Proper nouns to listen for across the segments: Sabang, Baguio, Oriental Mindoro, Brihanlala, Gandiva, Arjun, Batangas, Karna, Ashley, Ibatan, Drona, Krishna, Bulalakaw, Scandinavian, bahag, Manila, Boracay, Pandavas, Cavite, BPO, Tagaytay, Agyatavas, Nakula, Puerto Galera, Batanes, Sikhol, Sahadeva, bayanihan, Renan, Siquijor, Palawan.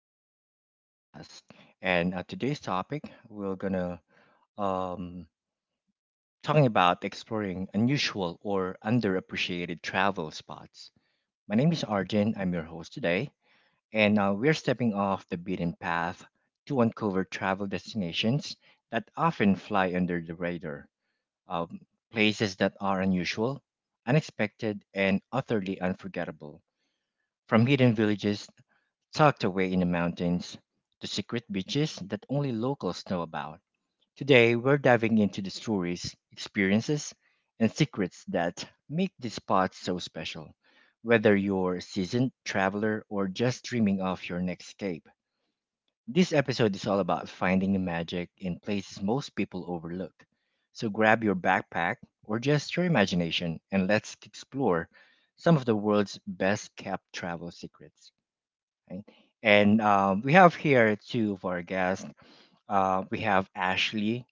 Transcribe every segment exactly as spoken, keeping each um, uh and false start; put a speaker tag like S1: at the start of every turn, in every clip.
S1: welcome to the podcast. And uh, today's topic, we're gonna um, talking about exploring unusual or underappreciated travel spots. My name is Arjun. I'm your host today, and uh, we're stepping off the beaten path to uncover travel destinations that often fly under the radar, um, places that are unusual, unexpected, and utterly unforgettable. From hidden villages tucked away in the mountains, the secret beaches that only locals know about. Today, we're diving into the stories, experiences, and secrets that make these spots so special. Whether you're a seasoned traveler or just dreaming of your next escape, this episode is all about finding the magic in places most people overlook. So grab your backpack or just your imagination and let's explore some of the world's best kept travel secrets, right? And um, we have here two of our guests. Uh, we have Ashley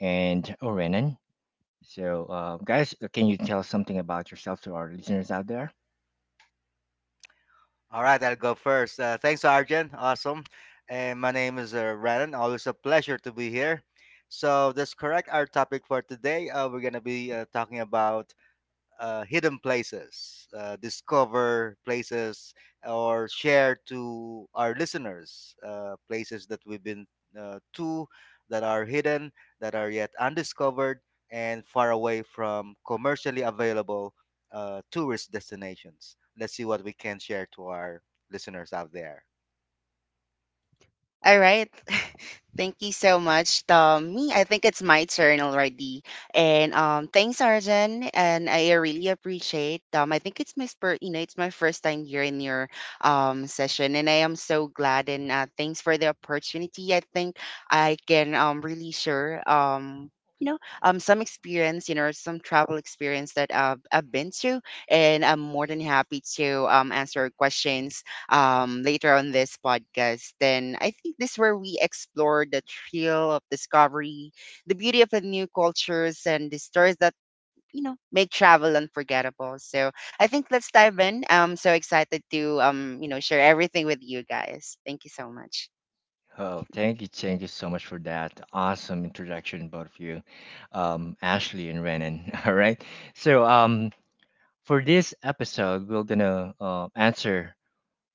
S1: and Orenan. So, uh, guys, uh, can you tell something about yourself to our listeners out there?
S2: All right, I'll go first. Uh, thanks, Arjun. Awesome. And my name is uh, Renan. Always a pleasure to be here. So that's correct. Our topic for today, uh, we're gonna be uh, talking about uh, hidden places, uh, discover places, or share to our listeners uh, places that we've been uh, to that are hidden, that are yet undiscovered, and far away from commercially available uh, tourist destinations. Let's see what we can share to our listeners out there.
S3: All right. Thank you so much. Um, me, I think it's my turn already. And um, thanks, Arjen. And I really appreciate. Um, I think it's my spur. You know, it's my first time here in your um session, and I am so glad. And uh, thanks for the opportunity. I think I can um really share um you know um some experience, you know some travel experience that I've, I've been to, and I'm more than happy to um answer questions um, later on this podcast. Then I think this where we explore the thrill of discovery, the beauty of the new cultures, and the stories that you know make travel unforgettable. So I think let's dive in. I'm so excited to um, you know share everything with you guys. Thank you so much.
S1: Oh, thank you, thank you so much for that awesome introduction, both of you, um, Ashley and Renan. All right, so um, for this episode, we're gonna uh, answer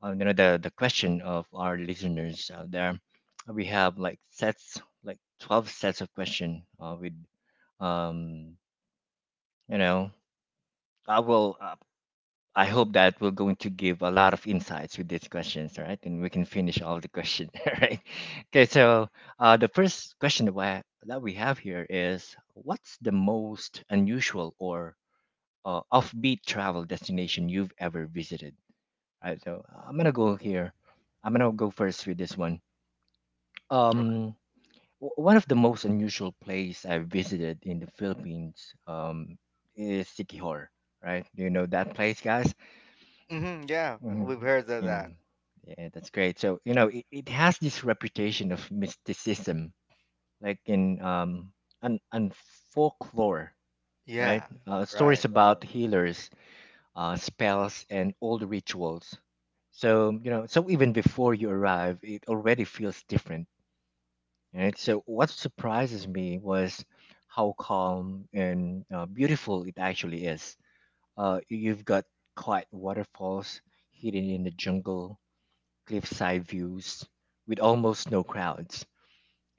S1: uh, you know the the question of our listeners out there. We have like sets, like twelve sets of question. Uh, with um, you know, I will. Uh, I hope that we're going to give a lot of insights with these questions, all right? And we can finish all the questions, all right? Okay, so uh, the first question that we that we have here is, what's the most unusual or uh, offbeat travel destination you've ever visited? All right, so I'm gonna go here. I'm gonna go first with this one.
S2: Okay.
S1: Um, w- one of the most unusual place I visited in the Philippines um, is Siquijor, right? Do you know that place, guys?
S2: Hmm, yeah, we've
S1: Mhm.
S2: heard of that.
S1: Mm. Yeah, that's great. So, you know, it, it has this reputation of mysticism, like in um, and, and folklore, right?
S2: Yeah,
S1: Uh, stories
S2: right.
S1: about healers, uh, spells, and old rituals. So, you know, so even before you arrive, it already feels different. Right. So what surprises me was how calm and uh, beautiful it actually is. Uh, you've got quiet waterfalls hidden in the jungle, cliffside views with almost no crowds,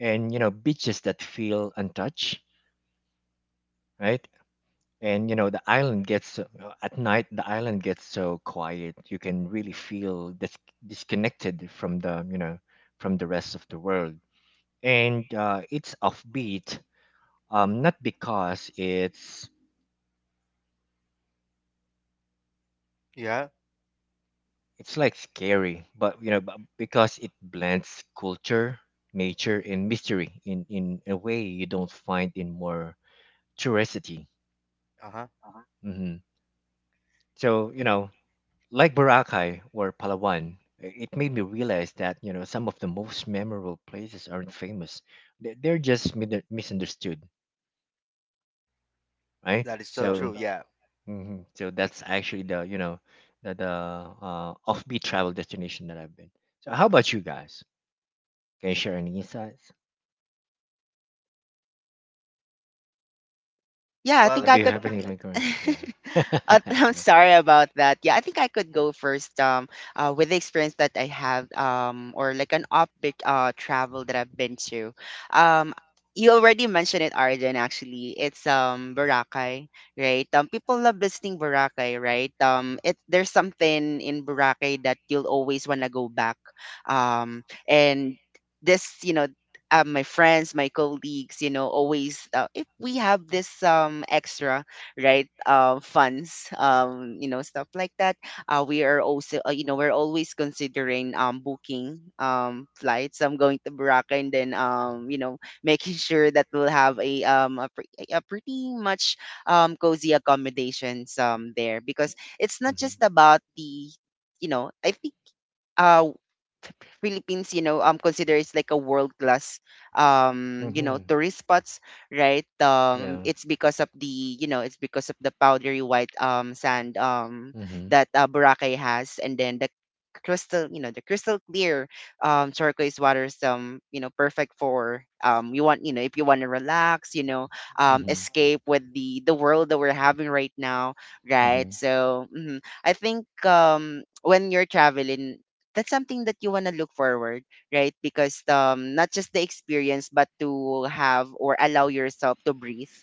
S1: and you know beaches that feel untouched, right? And you know the island gets so- uh, at night. The island gets so quiet. You can really feel dis- disconnected from the you know from the rest of the world, and uh, it's offbeat um not because it's
S2: Yeah.
S1: it's like scary, but you know b- because it blends culture, nature and mystery in in a way you don't find in more touristy,
S2: Uh huh.
S1: hmm so you know, like Boracay or Palawan. I- it made me realize that you know some of the most memorable places aren't famous. They- they're just mi- misunderstood, right?
S2: That is so true.
S1: so
S2: Yeah.
S1: hmm So that's actually the you know the the uh, offbeat travel destination that I've been. So how about you guys? Can you share any insights?
S3: Yeah, I think
S1: Uh,
S2: Well,
S3: I
S1: do you
S3: could.
S1: have any recurrent? Yeah. yeah.
S3: Uh, I'm sorry about that. Yeah, I think I could go first. Um, uh, with the experience that I have, um, or like an upbeat uh travel that I've been to. Um, you already mentioned it, Arjun. Actually, it's um Boracay, right? Um, people love visiting Boracay, right? Um, it there's something in Boracay that you'll always wanna go back. Um, and this, you know. Uh, my friends, my colleagues, you know, always uh, if we have this um extra right um funds um you know stuff like that. Uh, we are also uh, you know we're always considering um booking um flights, I'm going to Boracay, and then um you know making sure that we'll have a um a, pre- a pretty much um cozy accommodations um there, because it's not just
S1: Mm-hmm.
S3: about the you know I think uh Philippines, you know, um, considers like a world class, um, you know,
S1: Mm-hmm.
S3: tourist spots, right? Um,
S1: Yeah.
S3: it's because of the, you know, it's because of the powdery white um sand, um
S1: Mm-hmm.
S3: that uh, Boracay has, and then the crystal, you know, the crystal clear um turquoise waters, um, you know, perfect for um you want, you know, if you want to relax, you know, um,
S1: Mm-hmm.
S3: escape with the the world that we're having right now, right?
S1: Mm-hmm.
S3: So mhm. I think um when you're traveling, that's something that you want to look forward, right? Because um, not just the experience, but to have or allow yourself to breathe,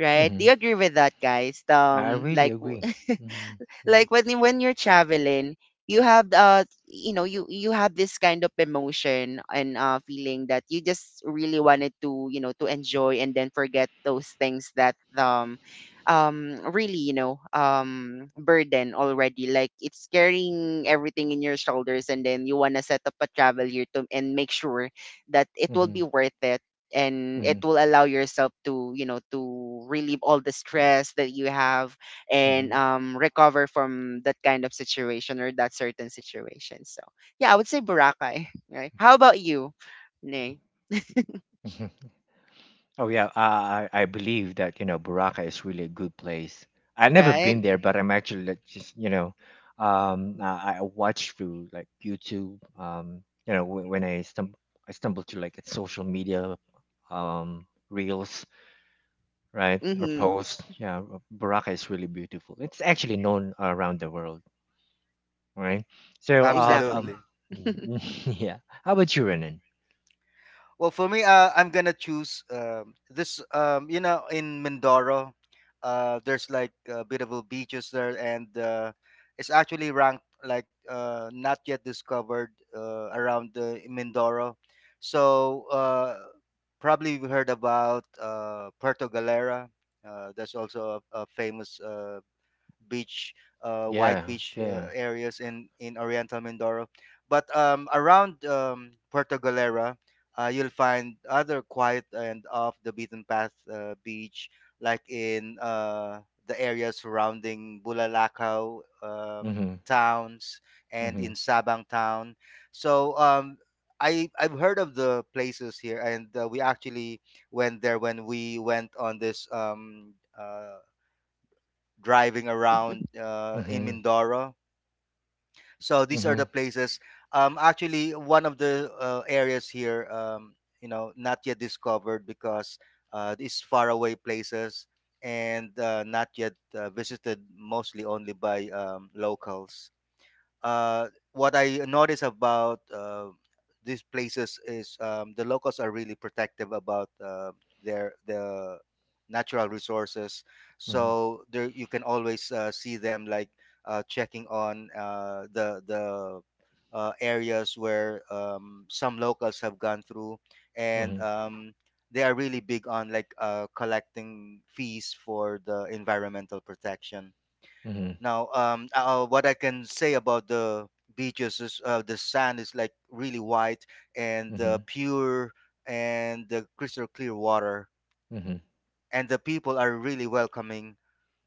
S3: right? Do
S1: Mm-hmm.
S3: you agree with that, guys?
S1: I
S3: Um,
S1: really
S3: like,
S1: agree. Mm-hmm. Yeah.
S3: like when you- when you're traveling, you have uh you know you you have this kind of emotion and uh feeling that you just really wanted to you know to enjoy, and then forget those things that um um really you know um burden already, like it's carrying everything in your shoulders, and then you want to set up a travel here to and make sure that it will
S1: Mm-hmm.
S3: be worth it, and
S1: Mm-hmm.
S3: it will allow yourself to you know to relieve all the stress that you have, and um recover from that kind of situation or that certain situation. So yeah, I would say Boracay, right? How about you, Nay?
S1: Mm-hmm. Oh yeah, uh, I I believe that you know Boracay is really a good place. I've never
S3: Right?
S1: been there, but I'm actually like, just you know, um, I, I watch through like YouTube. Um, you know, wh- when I stumble, I stumble to like its social media, um, reels, right, or
S3: Mm-hmm.
S1: posts. Yeah, Boracay is really beautiful. It's actually known around the world, right? So, uh, b- um,
S3: Exactly.
S2: absolutely.
S1: yeah. How about you, Renan?
S2: Well, for me, uh, I'm gonna choose um, this. Um, you know, in Mindoro, uh, there's like uh, beautiful beaches there, and uh, it's actually ranked like uh, not yet discovered uh, around the Mindoro. So uh, probably we heard about uh, Puerto Galera. Uh, that's also a, a famous uh, beach, uh, white
S1: Yeah,
S2: beach uh,
S1: yeah.
S2: areas in in Oriental Mindoro. But um, around um, Puerto Galera, uh, you'll find other quiet and off the beaten path uh, beach, like in uh, the area surrounding Bulalakaw um,
S1: Mm-hmm.
S2: towns and in
S1: Mm-hmm.
S2: Sabang town. So um, I I've heard of the places here, and uh, we actually went there when we went on this um, uh, driving around uh, in
S1: Mm-hmm.
S2: Mindoro. So these are
S1: Mm-hmm.
S2: the places. Um, actually, one of the uh, areas here, um, you know, not yet discovered because uh, these faraway places and uh, not yet uh, visited mostly only by um, locals. Uh, what I notice about uh, these places is um, the locals are really protective about uh, their the natural resources.
S1: Mm-hmm.
S2: So there you can always uh, see them like uh, checking on uh, the the uh, areas where um, some locals have gone through, and
S1: Mm-hmm.
S2: um, they are really big on like uh, collecting fees for the environmental protection.
S1: Mhm.
S2: Now, um, uh, what I can say about the beaches is uh, the sand is like really white and uh,
S1: Mhm.
S2: pure and the crystal clear water,
S1: Mhm.
S2: and the people are really welcoming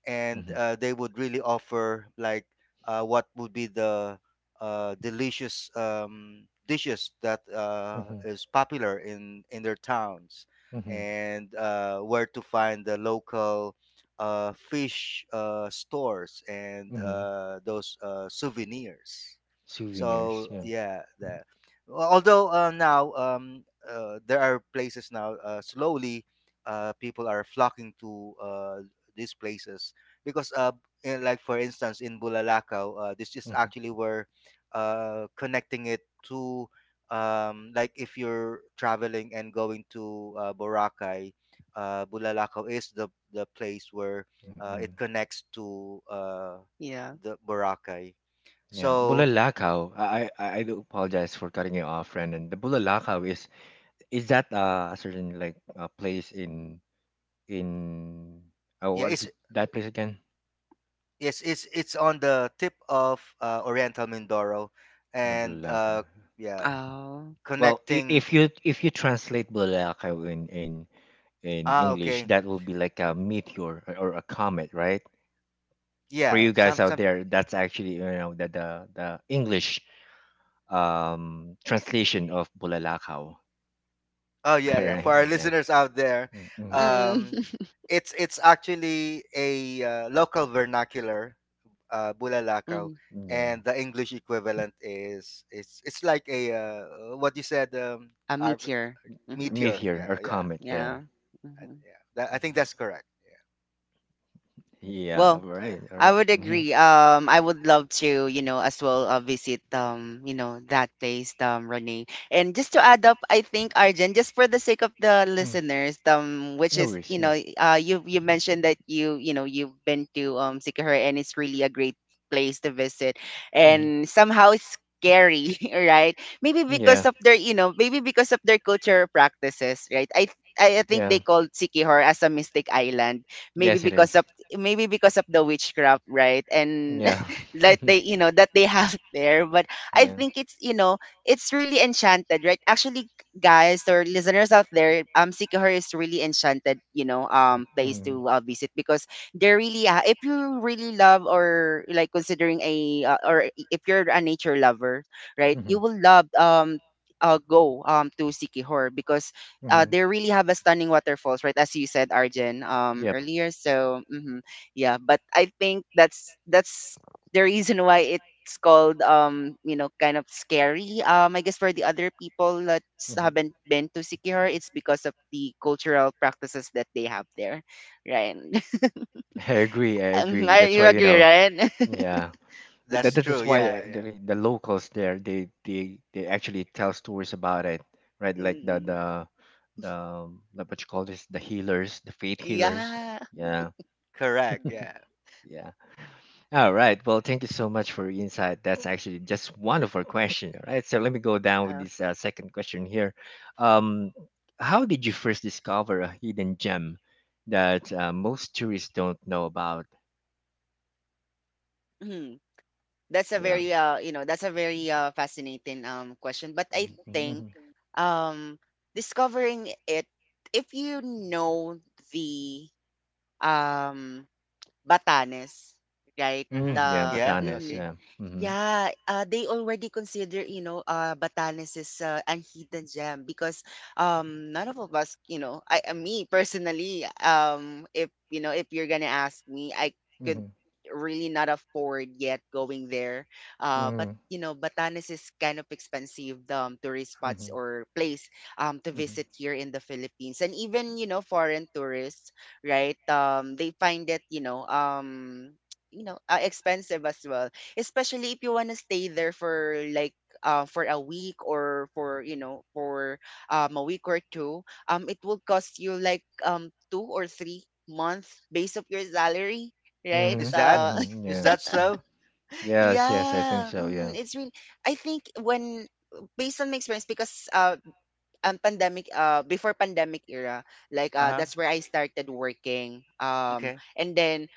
S2: and
S1: Mhm.
S2: uh, they would really offer like uh, what would be the uh, delicious um, dishes that uh,
S1: Mhm.
S2: is popular in in their towns
S1: Mhm.
S2: and uh, where to find the local uh, fish uh, stores and
S1: Mhm.
S2: uh, those uh, souvenirs.
S1: Souvenirs.
S2: So
S1: Yeah.
S2: yeah, that, although uh, now, um, uh, there are places now uh, slowly uh, people are flocking to uh, these places because uh eh, like for instance in Bulalakaw, uh, this is
S1: Mhm.
S2: actually where uh connecting it to um, like if you're traveling and going to uh, Boracay, uh Bulalakaw is the the place where uh,
S1: Mm-mm.
S2: it connects to uh
S3: yeah.
S2: the Boracay.
S1: Yeah.
S2: So
S1: Bulalakaw. I, I I I do apologize for cutting you off, Brandon. The Bulalakaw is is that uh, a certain like a place in in oh
S2: yeah,
S1: what
S2: it's
S1: is that place again?
S2: it's it's it's on the tip of uh, Oriental Mindoro,
S1: Uh,
S2: and
S1: Bulalakaw.
S2: uh, yeah,
S3: Oh.
S1: Well, i-
S2: connecting.
S1: if you if you translate Bulalakaw in in in
S2: Ah,
S1: English,
S2: okay,
S1: that will be like a meteor or or a comet, right? For
S2: yeah,
S1: you
S2: some
S1: guys out
S2: some.
S1: there, that's actually you know the the, the English um, translation of bulalakaw.
S2: Oh yeah,
S1: All
S2: yeah. For
S1: right.
S2: our
S1: Yeah.
S2: listeners out there,
S1: Mm-mm.
S2: um,
S3: Mm-hmm.
S2: it's it's actually a uh, local vernacular, uh, bulalakaw,
S1: Yeah.
S2: and the English equivalent is it's it's like a uh, what you said, um,
S3: A
S2: our
S3: meteor. Mm-hmm.
S2: meteor.
S1: Meteor
S2: Yeah,
S1: or
S2: yeah,
S1: comet. Yeah.
S3: Yeah.
S2: I,
S3: Mm-hmm.
S2: yeah. That, I think that's correct. Yeah,
S1: Yeah. All
S3: Well,
S1: right. All
S3: I
S1: right.
S3: would
S1: Mm-hmm.
S3: agree. Um, I would love to, you know, as well uh, visit, um, you know, that place, um, Renee. And just to add up, I think Arjun, just for the sake of the
S1: Mm.
S3: listeners, um, which
S1: No
S3: is,
S1: worries.
S3: you
S1: Yeah.
S3: know, uh, you you mentioned that you, you know, you've been to um Sikihor, and it's really a great place to visit,
S1: hmm
S3: and somehow it's scary, right? Maybe because
S1: Yeah.
S3: of their, you know, maybe because of their cultural practices, right? I I I think
S1: Yeah.
S3: they called Sikihor as a mystic island, maybe
S1: Yes, it
S3: because
S1: is.
S3: of maybe because of the witchcraft, right? And
S1: Yeah.
S3: that they, you know, that they have there. But I
S1: yeah.
S3: think it's, you know, it's really enchanted, right? Actually, guys or listeners out there, um, Sikihor is really enchanted, you know, um, place
S1: Mm-hmm.
S3: to uh, visit, because they're really, uh, if you really love or like considering a, uh, or if you're a nature lover, right,
S1: Mm-hmm.
S3: you will love, um, uh, go um to Sikihor, because uh,
S1: Mm-hmm.
S3: they really have a stunning waterfalls, right? As you said, Arjen, um,
S1: Yep.
S3: earlier. So, mhm, yeah, but I think that's that's the reason why it's called um you know kind of scary, um I guess, for the other people that
S1: hmm
S3: haven't been to Sikihor. It's because of the cultural practices that they have there, right.
S1: I agree. I
S3: Um,
S1: agree.
S3: I-
S1: That's
S3: you
S1: why you
S3: agree,
S1: know.
S3: right?
S1: Yeah. But that
S2: that's
S1: that
S2: true.
S1: is why uh,
S2: Yeah,
S1: the,
S2: yeah.
S1: like, the locals there they they they actually tell stories about it, right? Like the
S3: Mm,
S1: the the um, like what you call this, the healers, the faith healers.
S3: yeah.
S1: Yeah,
S2: Correct. Yeah.
S1: yeah. All right, well thank you so much for your insight, that's actually just wonderful question. All right, so let me go down with
S3: Uh,
S1: this uh, second question here. um how did you first discover a hidden gem that uh, most tourists don't know about?
S3: mhm. That's a
S1: Yeah.
S3: very uh you know that's a very uh fascinating um question, but I think,
S1: Mhm.
S3: um, discovering it, if you know the um, Batanes, right?
S1: Mm,
S2: Mm-hmm.
S1: yeah,
S3: Uh,
S2: Yeah.
S1: Batanes,
S3: mhm.
S2: Okay.
S1: yeah. hmm
S3: Yeah, uh, they already consider, you know, uh, Batanes is uh, an hidden gem, because um, none of us, you know, I, uh, me personally, um, if you know, if you're gonna ask me, I could
S1: hmm
S3: really not afford yet going there. Uh, but
S1: Mhm.
S3: you know, Batanes is kind of expensive um, tourist spots
S1: Mhm.
S3: or place um to
S1: Mhm.
S3: visit here in the Philippines, and even you know, foreign tourists, right? Um, they find it, you know, um. You know, uh, expensive as well, especially if you want to stay there for like uh, for a week, or for you know for um a week or two. um it will cost you like um two or three months based of your salary, right.
S2: Is
S1: Mhm.
S2: that
S3: uh
S1: Mhm.
S2: is
S1: Yeah.
S2: that
S1: Mm.
S2: so?
S1: Yes. Yes. I think
S3: yeah,
S1: so.
S3: mhm,
S1: Yeah.
S3: it's really, I think, when, based on my experience, because uh um, pandemic, uh before pandemic era, like
S2: Uh
S3: uh
S2: huh.
S3: that's where I started working, um
S2: Okay.
S3: and then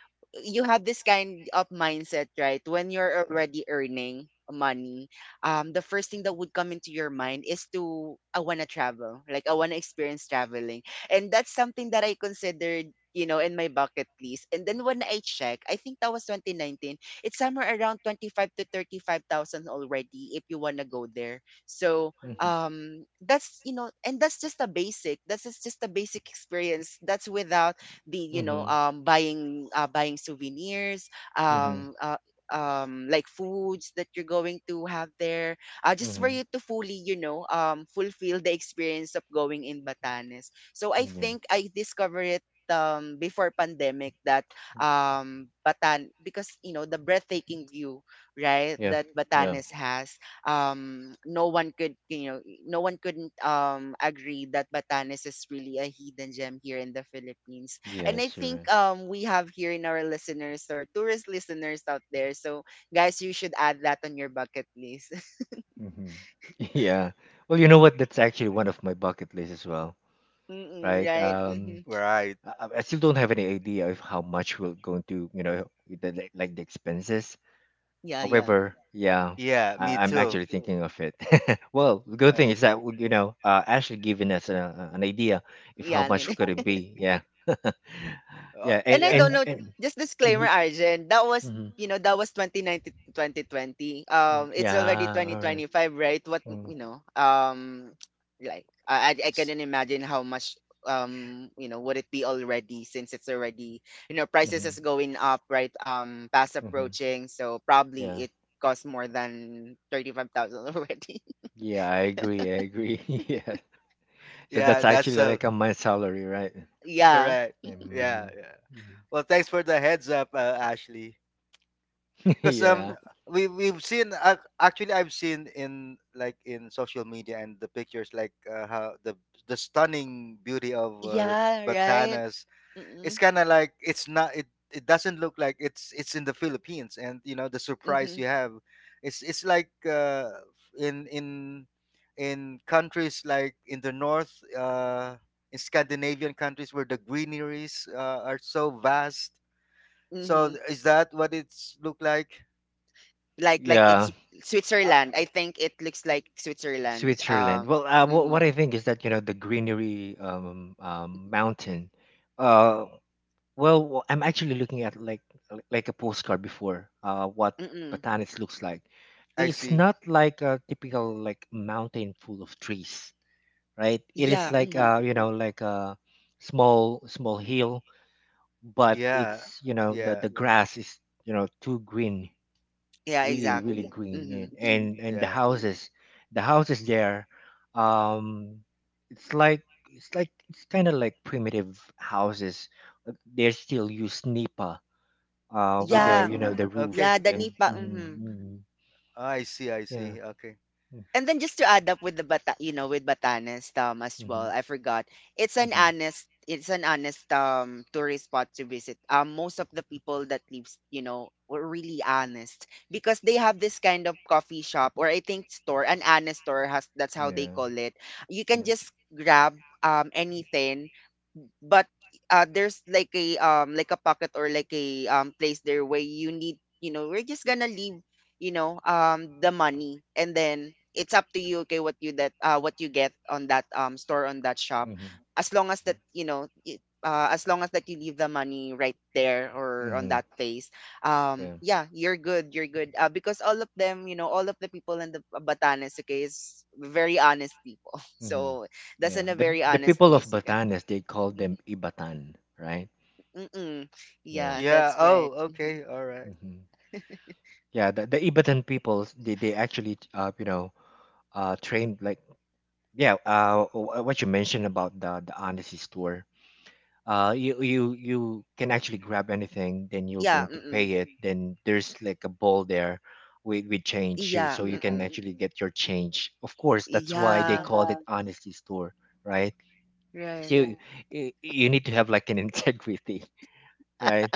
S3: you have this kind of mindset, right, when you're already earning money, um the first thing that would come into your mind is to I want to travel, like I want to experience traveling, and that's something that I considered, you know, in my bucket list. And then when I check, I think that was twenty nineteen, it's somewhere around twenty-five to thirty-five thousand already, if you want to go there. So
S1: Mhm.
S3: um that's you know, and that's just a basic, that's just just a basic experience. That's without the you know
S1: Mhm.
S3: um buying uh, buying souvenirs,
S1: Mhm.
S3: um uh, um like foods that you're going to have there, uh, just for
S1: Mhm.
S3: you to fully, you know, um fulfill the experience of going in Batanes. So I
S1: Yeah.
S3: think I discovered it um before pandemic that um Batan because you know the breathtaking view, right,
S1: Yeah.
S3: that
S1: Yeah.
S3: Batanes has. um no one could, you know, no one couldn't um agree that Batanes is really a hidden gem here in the Philippines. And I
S1: Yes. You're
S3: think
S1: right.
S3: um we have here in our listeners or tourist listeners out there, so guys, you should add that on your bucket list.
S1: Mhm. Yeah. Well, you know what? That's actually one of my bucket lists as well,
S3: Mm-mm,
S1: right?
S3: right. Hmm.
S1: Um,
S2: Right.
S1: I, I I still don't have any idea of how much we're going to, you know, the, like like the expenses.
S3: Yeah. Yeah,
S1: However, yeah,
S2: Yeah. Me
S1: I, I'm
S2: too.
S1: actually thinking of it. well, the good thing
S2: Right.
S1: is that you know, uh, actually giving us a, an idea if how
S3: yeah.
S1: much could it be. Yeah,
S2: Uh,
S1: yeah, and
S3: And I
S2: yeah.
S3: don't
S1: and,
S3: know,
S1: and
S3: just disclaimer,
S1: Mhm,
S3: Arjen, that was,
S1: mhm,
S3: you know, that was twenty nineteen to twenty twenty.
S1: mm,
S3: Um, it's already
S1: yeah, all right.
S3: twenty twenty-five, right? What,
S1: Mm,
S3: you know, um, like, I, I I
S2: S-
S3: couldn't imagine how much, um, you know, would it be already, since it's already, you know, prices
S1: mhm,
S3: is going up, right? Um, past
S1: mhm,
S3: approaching. So probably
S1: yeah,
S3: it costs more than thirty-five thousand already.
S1: yeah, I agree, I agree. yeah, so that's
S2: Yeah, that's
S1: actually
S2: so
S1: like a month salary, right?
S3: yeah.
S2: correct. Yeah,
S1: Um,
S2: yeah.
S1: mhm.
S2: Well, thanks for the heads up, uh, Ashley. Because um,
S1: yeah,
S2: we we've seen ac actually I've seen in like in social media and the pictures like uh, how the the stunning beauty of uh,
S3: Yeah, right?
S2: Batanas.
S3: Mm-hmm.
S2: It's kind of like it's not it it doesn't look like it's it's in the Philippines, and you know the surprise you have, it's it's like uh in in in countries like in the north uh in Scandinavian countries where the greeneries uh, are so vast. So
S3: Mm-hmm.
S2: th- is that what it's look like?
S3: like like it's
S1: yeah. Uh,
S3: Switzerland. I think it looks like Switzerland.
S1: Switzerland.
S3: Um,
S1: Well, uh, wh- what
S3: mhm,
S1: I think is that you know the greenery um, um, mountain. Uh, well, wh- I'm actually looking at like like like a postcard before. Uh, what
S3: mm-mm.
S1: Batanes looks like.
S2: I
S1: It's
S2: see,
S1: not like a typical like mountain full of trees, right? It is
S3: Yeah,
S1: like
S3: mhm.
S1: uh you know like a small small hill, but
S2: yeah,
S1: it's you know the
S2: yeah,
S1: the grass is you know too green,
S3: Yeah,
S1: really really
S3: exactly.
S1: green,
S3: Hmm.
S1: and and, and the
S2: yeah,
S1: houses, the houses there, um it's like it's like it's kind of like primitive houses, but they still use nipa uh with their
S3: Yeah,
S2: uh,
S1: you know the roof,
S2: okay.
S3: yeah, the
S1: and
S3: Nipa.
S1: mm,
S3: Mhm.
S1: mm,
S2: I see, I
S1: yeah.
S2: see, okay.
S1: mm,
S3: And then just to add up with the bata, you know, with Batanes um as well.
S1: mm-hmm,
S3: I forgot. It's an
S1: mm-hmm,
S3: honest it's an honest um tourist spot to visit. Um, most of the people that lives, you know, were really honest, because they have this kind of coffee shop or I think store, an honest store has that's how they
S1: yeah.
S3: call it. You can
S1: yeah
S3: just grab um anything, but uh there's like a um like a pocket or like a um place there, where you need you know we're just gonna leave you know um the money, and then it's up to you, okay, what you that uh what you get on that um store on that shop.
S1: mm-hmm,
S3: As long as that you know y- uh, as long as that you leave the money right there or on
S1: mm-hmm,
S3: that place, um
S1: yeah.
S3: yeah, you're good, you're good, uh, because all of them you know all of the people in the uh, Batanes, okay, is very honest people.
S1: mm-hmm,
S3: So that's
S1: yeah,
S3: in a
S1: the
S3: very
S1: the
S3: honest
S1: people of
S3: place, okay.
S1: Batanes, they call them Ibatan, right?
S3: Mm-mm.
S1: Yeah.
S3: Yeah,
S2: Yeah,
S3: that's
S2: oh
S3: right. Mhm.
S2: okay, all right.
S1: mm-hmm, yeah, the, the Ibadan people, they, they actually uh you know uh trained like, yeah, uh wh- what you mentioned about the the honesty store. Uh, you you you can actually grab anything, then you're
S3: Yeah,
S1: going to
S3: mm-mm.
S1: pay it, then there's like a ball there with with change you-
S3: Yeah,
S1: so you can
S3: mm-mm.
S1: actually get your change, of course that's why they
S3: Yeah,
S1: called it honesty store, right? So
S3: right.
S1: you, you need to have like an integrity, right?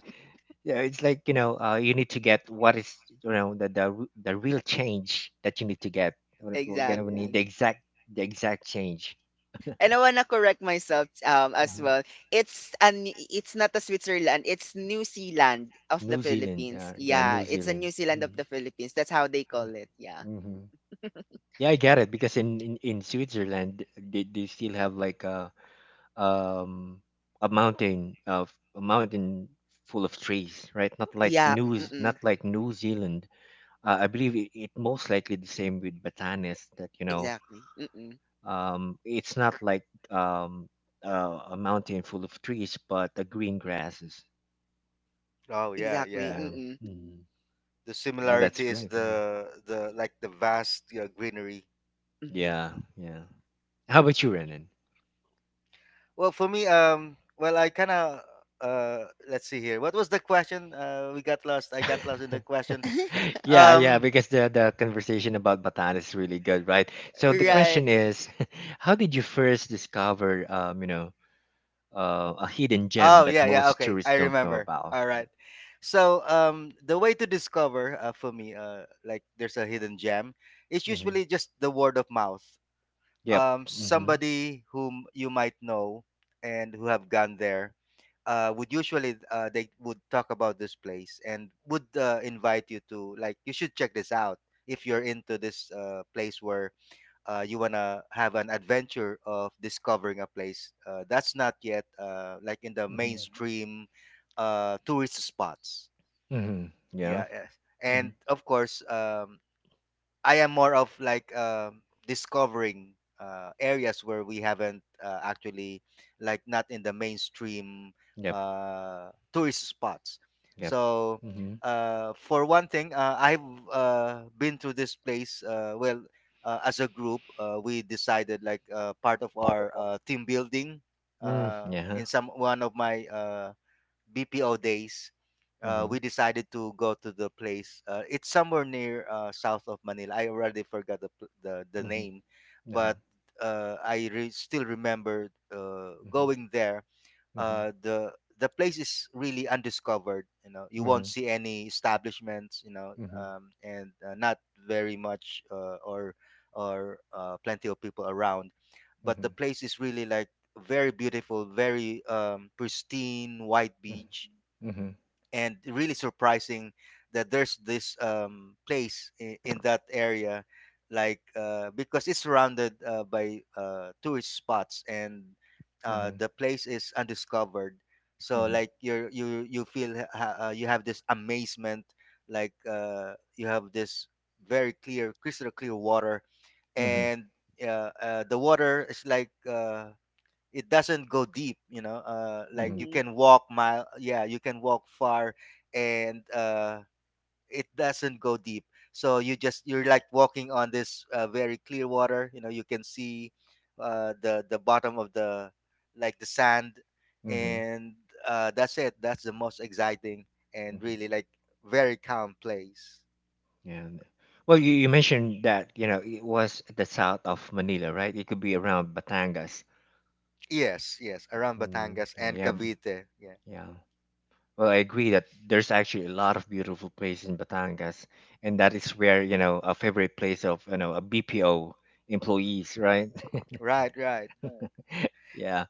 S1: Yeah, it's like you know, uh, you need to get what is you know the, the r- the real change that you need to get. We're we're gonna need
S3: Exactly.
S1: the exact, the exact change.
S3: And I wanna correct myself um as
S1: Mhm.
S3: well. It's an it's not a Switzerland, it's New Zealand of the
S1: New Zealand,
S3: Philippines.
S1: uh, yeah, New
S3: Yeah, it's a
S1: Zealand.
S3: New Zealand of the Philippines. That's how they call it. Yeah.
S1: Mm-hmm. Yeah, I get it because in in, in Switzerland they, they still have like a um a mountain of a mountain full of trees, right? Not like
S3: Yeah,
S1: new Z- not
S3: mm-mm.
S1: like New Zealand. Uh, I believe it, it most likely the same with Batanes that you know,
S3: Exactly. Mm-mm.
S1: Um, it's not like um, uh, a mountain full of trees, but a green grasses.
S2: Oh yeah,
S3: Exactly.
S2: yeah,
S1: Yeah,
S3: Mm-mm.
S2: the
S1: yeah, that's
S2: similarity is
S1: great. Yeah,
S2: the the like the vast, yeah, greenery.
S3: Mm-hmm.
S1: yeah. yeah. How about you, Renan?
S2: Well, for me, um, well, I kind of uh, let's see here. What was the question? Uh, we got lost. I got lost in the question.
S1: yeah, yeah,
S2: Um,
S1: because the the conversation about Bataan is really good, right? So the
S2: yeah.
S3: right.
S1: question is, how did you first discover, um, you know, uh, a hidden gem
S2: Oh,
S1: that
S2: yeah, yeah.
S1: most
S2: Okay,
S1: tourists
S2: I
S1: don't know
S2: remember.
S1: about?
S2: All
S1: Yeah.
S2: right. So, um, the way to discover uh, for me, uh, like there's a hidden gem, is usually
S1: hmm
S2: just the word of mouth.
S1: Yep.
S2: Um,
S1: hmm
S2: somebody whom you might know and who have gone there uh, would usually uh, they would talk about this place and would uh, invite you to like you should check this out if you're into this uh, place where uh, you wanna have an adventure of discovering a place uh, that's not yet uh, like in the
S1: hmm
S2: mainstream uh, tourist spots.
S1: hmm Yeah.
S2: Yeah, eh.
S1: hmm
S2: And of course, um, I am more of like um, discovering uh, areas where we haven't uh, actually, like not in the mainstream
S1: Yep.
S2: uh, tourist spots.
S1: Yep.
S2: So
S1: Yep.
S2: uh, for one thing, uh, I've uh, been to this place. Uh, well, uh, as a group, uh, we decided like uh, part of our uh, team building
S1: Mm,
S2: uh,
S1: yeah.
S2: in some one of my uh, B P O days, uh, we
S1: Mhm.
S2: decided to go to the place. Uh, it's somewhere near uh, south of Manila. I already forgot the pl- the, the
S1: Mhm.
S2: name,
S1: Uh-huh.
S2: but uh, I re- still remember uh,
S1: Mhm.
S2: going there,
S1: Mhm.
S2: uh, the the place is really undiscovered. You know, you won't
S1: Mhm.
S2: see any establishments. You know, um, and uh, not very much uh, or or uh, plenty of people around. But the
S1: Mhm.
S2: place is really like very beautiful, very um, pristine, white
S1: Mhm.
S2: beach,
S1: Mhm.
S2: and really surprising that there's this um, place in, in that area like uh, because it's surrounded uh, by uh, tourist spots, and
S1: Mhm.
S2: uh,
S1: Mhm.
S2: the place is undiscovered, so
S1: Mhm.
S2: like you're you you feel ha- ha- uh, you have this amazement, like uh, you have this very clear, crystal clear water,
S1: Mhm.
S2: and uh, uh, the water is like uh, it doesn't go deep, you know, uh like you
S1: Mhm.
S3: Mm-hmm.
S2: can walk mile, yeah, you can walk far, and uh it doesn't go deep, so you just, you're like walking on this uh, very clear water. You know, you can see uh the the bottom of the, like the sand,
S1: Mhm.
S2: and uh that's it. That's the most exciting and
S1: Mhm.
S2: really like very calm place.
S1: And well, you, you mentioned that you know it was at the south of Manila, right? It could be around Batangas.
S2: Yes, yes, around
S1: Mm,
S2: Batangas
S1: yeah,
S2: and
S1: yeah, b-
S2: Cavite, yeah.
S1: yeah. Well, I agree that there's actually a lot of beautiful places in Batangas, and that is where you know a favorite place of you know a B P O employees, right?
S2: Right, right.
S1: Yeah.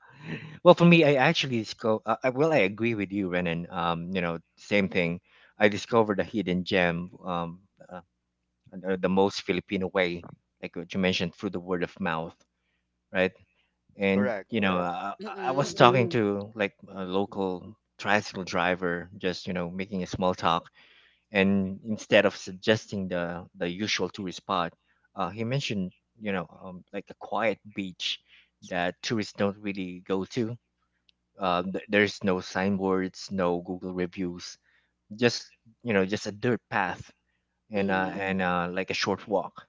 S1: Well, for me, I actually discover. Uh, I- well, I agree with you, Renan. Um, you know, same thing. I discovered a hidden gem. Um, uh, the the most Filipino way, like what you mentioned, through the word of mouth, right? And
S2: Correct,
S1: you know, uh, I, I was
S3: Mm-mm.
S1: talking to like a local tricycle driver, just you know, making a small talk, and instead of suggesting the the usual tourist spot, uh, he mentioned you know, um, like a quiet beach that tourists don't really go to. Um, th- there's no signboards, no Google reviews, just you know, just a dirt path and uh,
S3: Mm-hmm.
S1: and uh, like a short walk,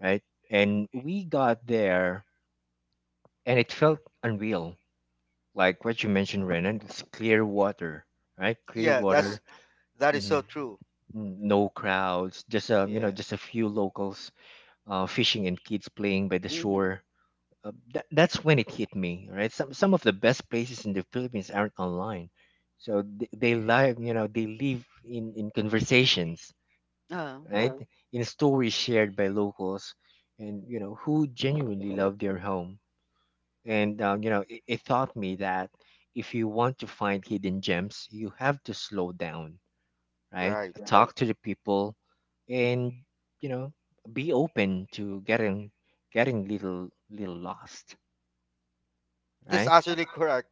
S1: right? And we got there, and it felt unreal. Like what you mentioned, Renan, it's clear water, right? Clear
S2: yeah. That's
S1: water.
S2: that is so
S1: mhm, mm,
S2: true,
S1: n- no crowds, just a you
S2: yeah.
S1: know, just a few locals uh, fishing and kids playing by the
S3: Mm-hmm.
S1: shore. Uh, tha- that's when it hit me, right? Some some of the best places in the Philippines aren't online, so they, they live, you know, they live in in conversations,
S3: Oh,
S1: right? In stories shared by locals, and you know who genuinely love their home. And uh, you know, it, it taught me that if you want to find hidden gems, you have to slow down, right?
S2: Right.
S1: Talk to the people, and you know, be open to getting getting little little lost,
S2: That's
S1: right?
S2: actually correct.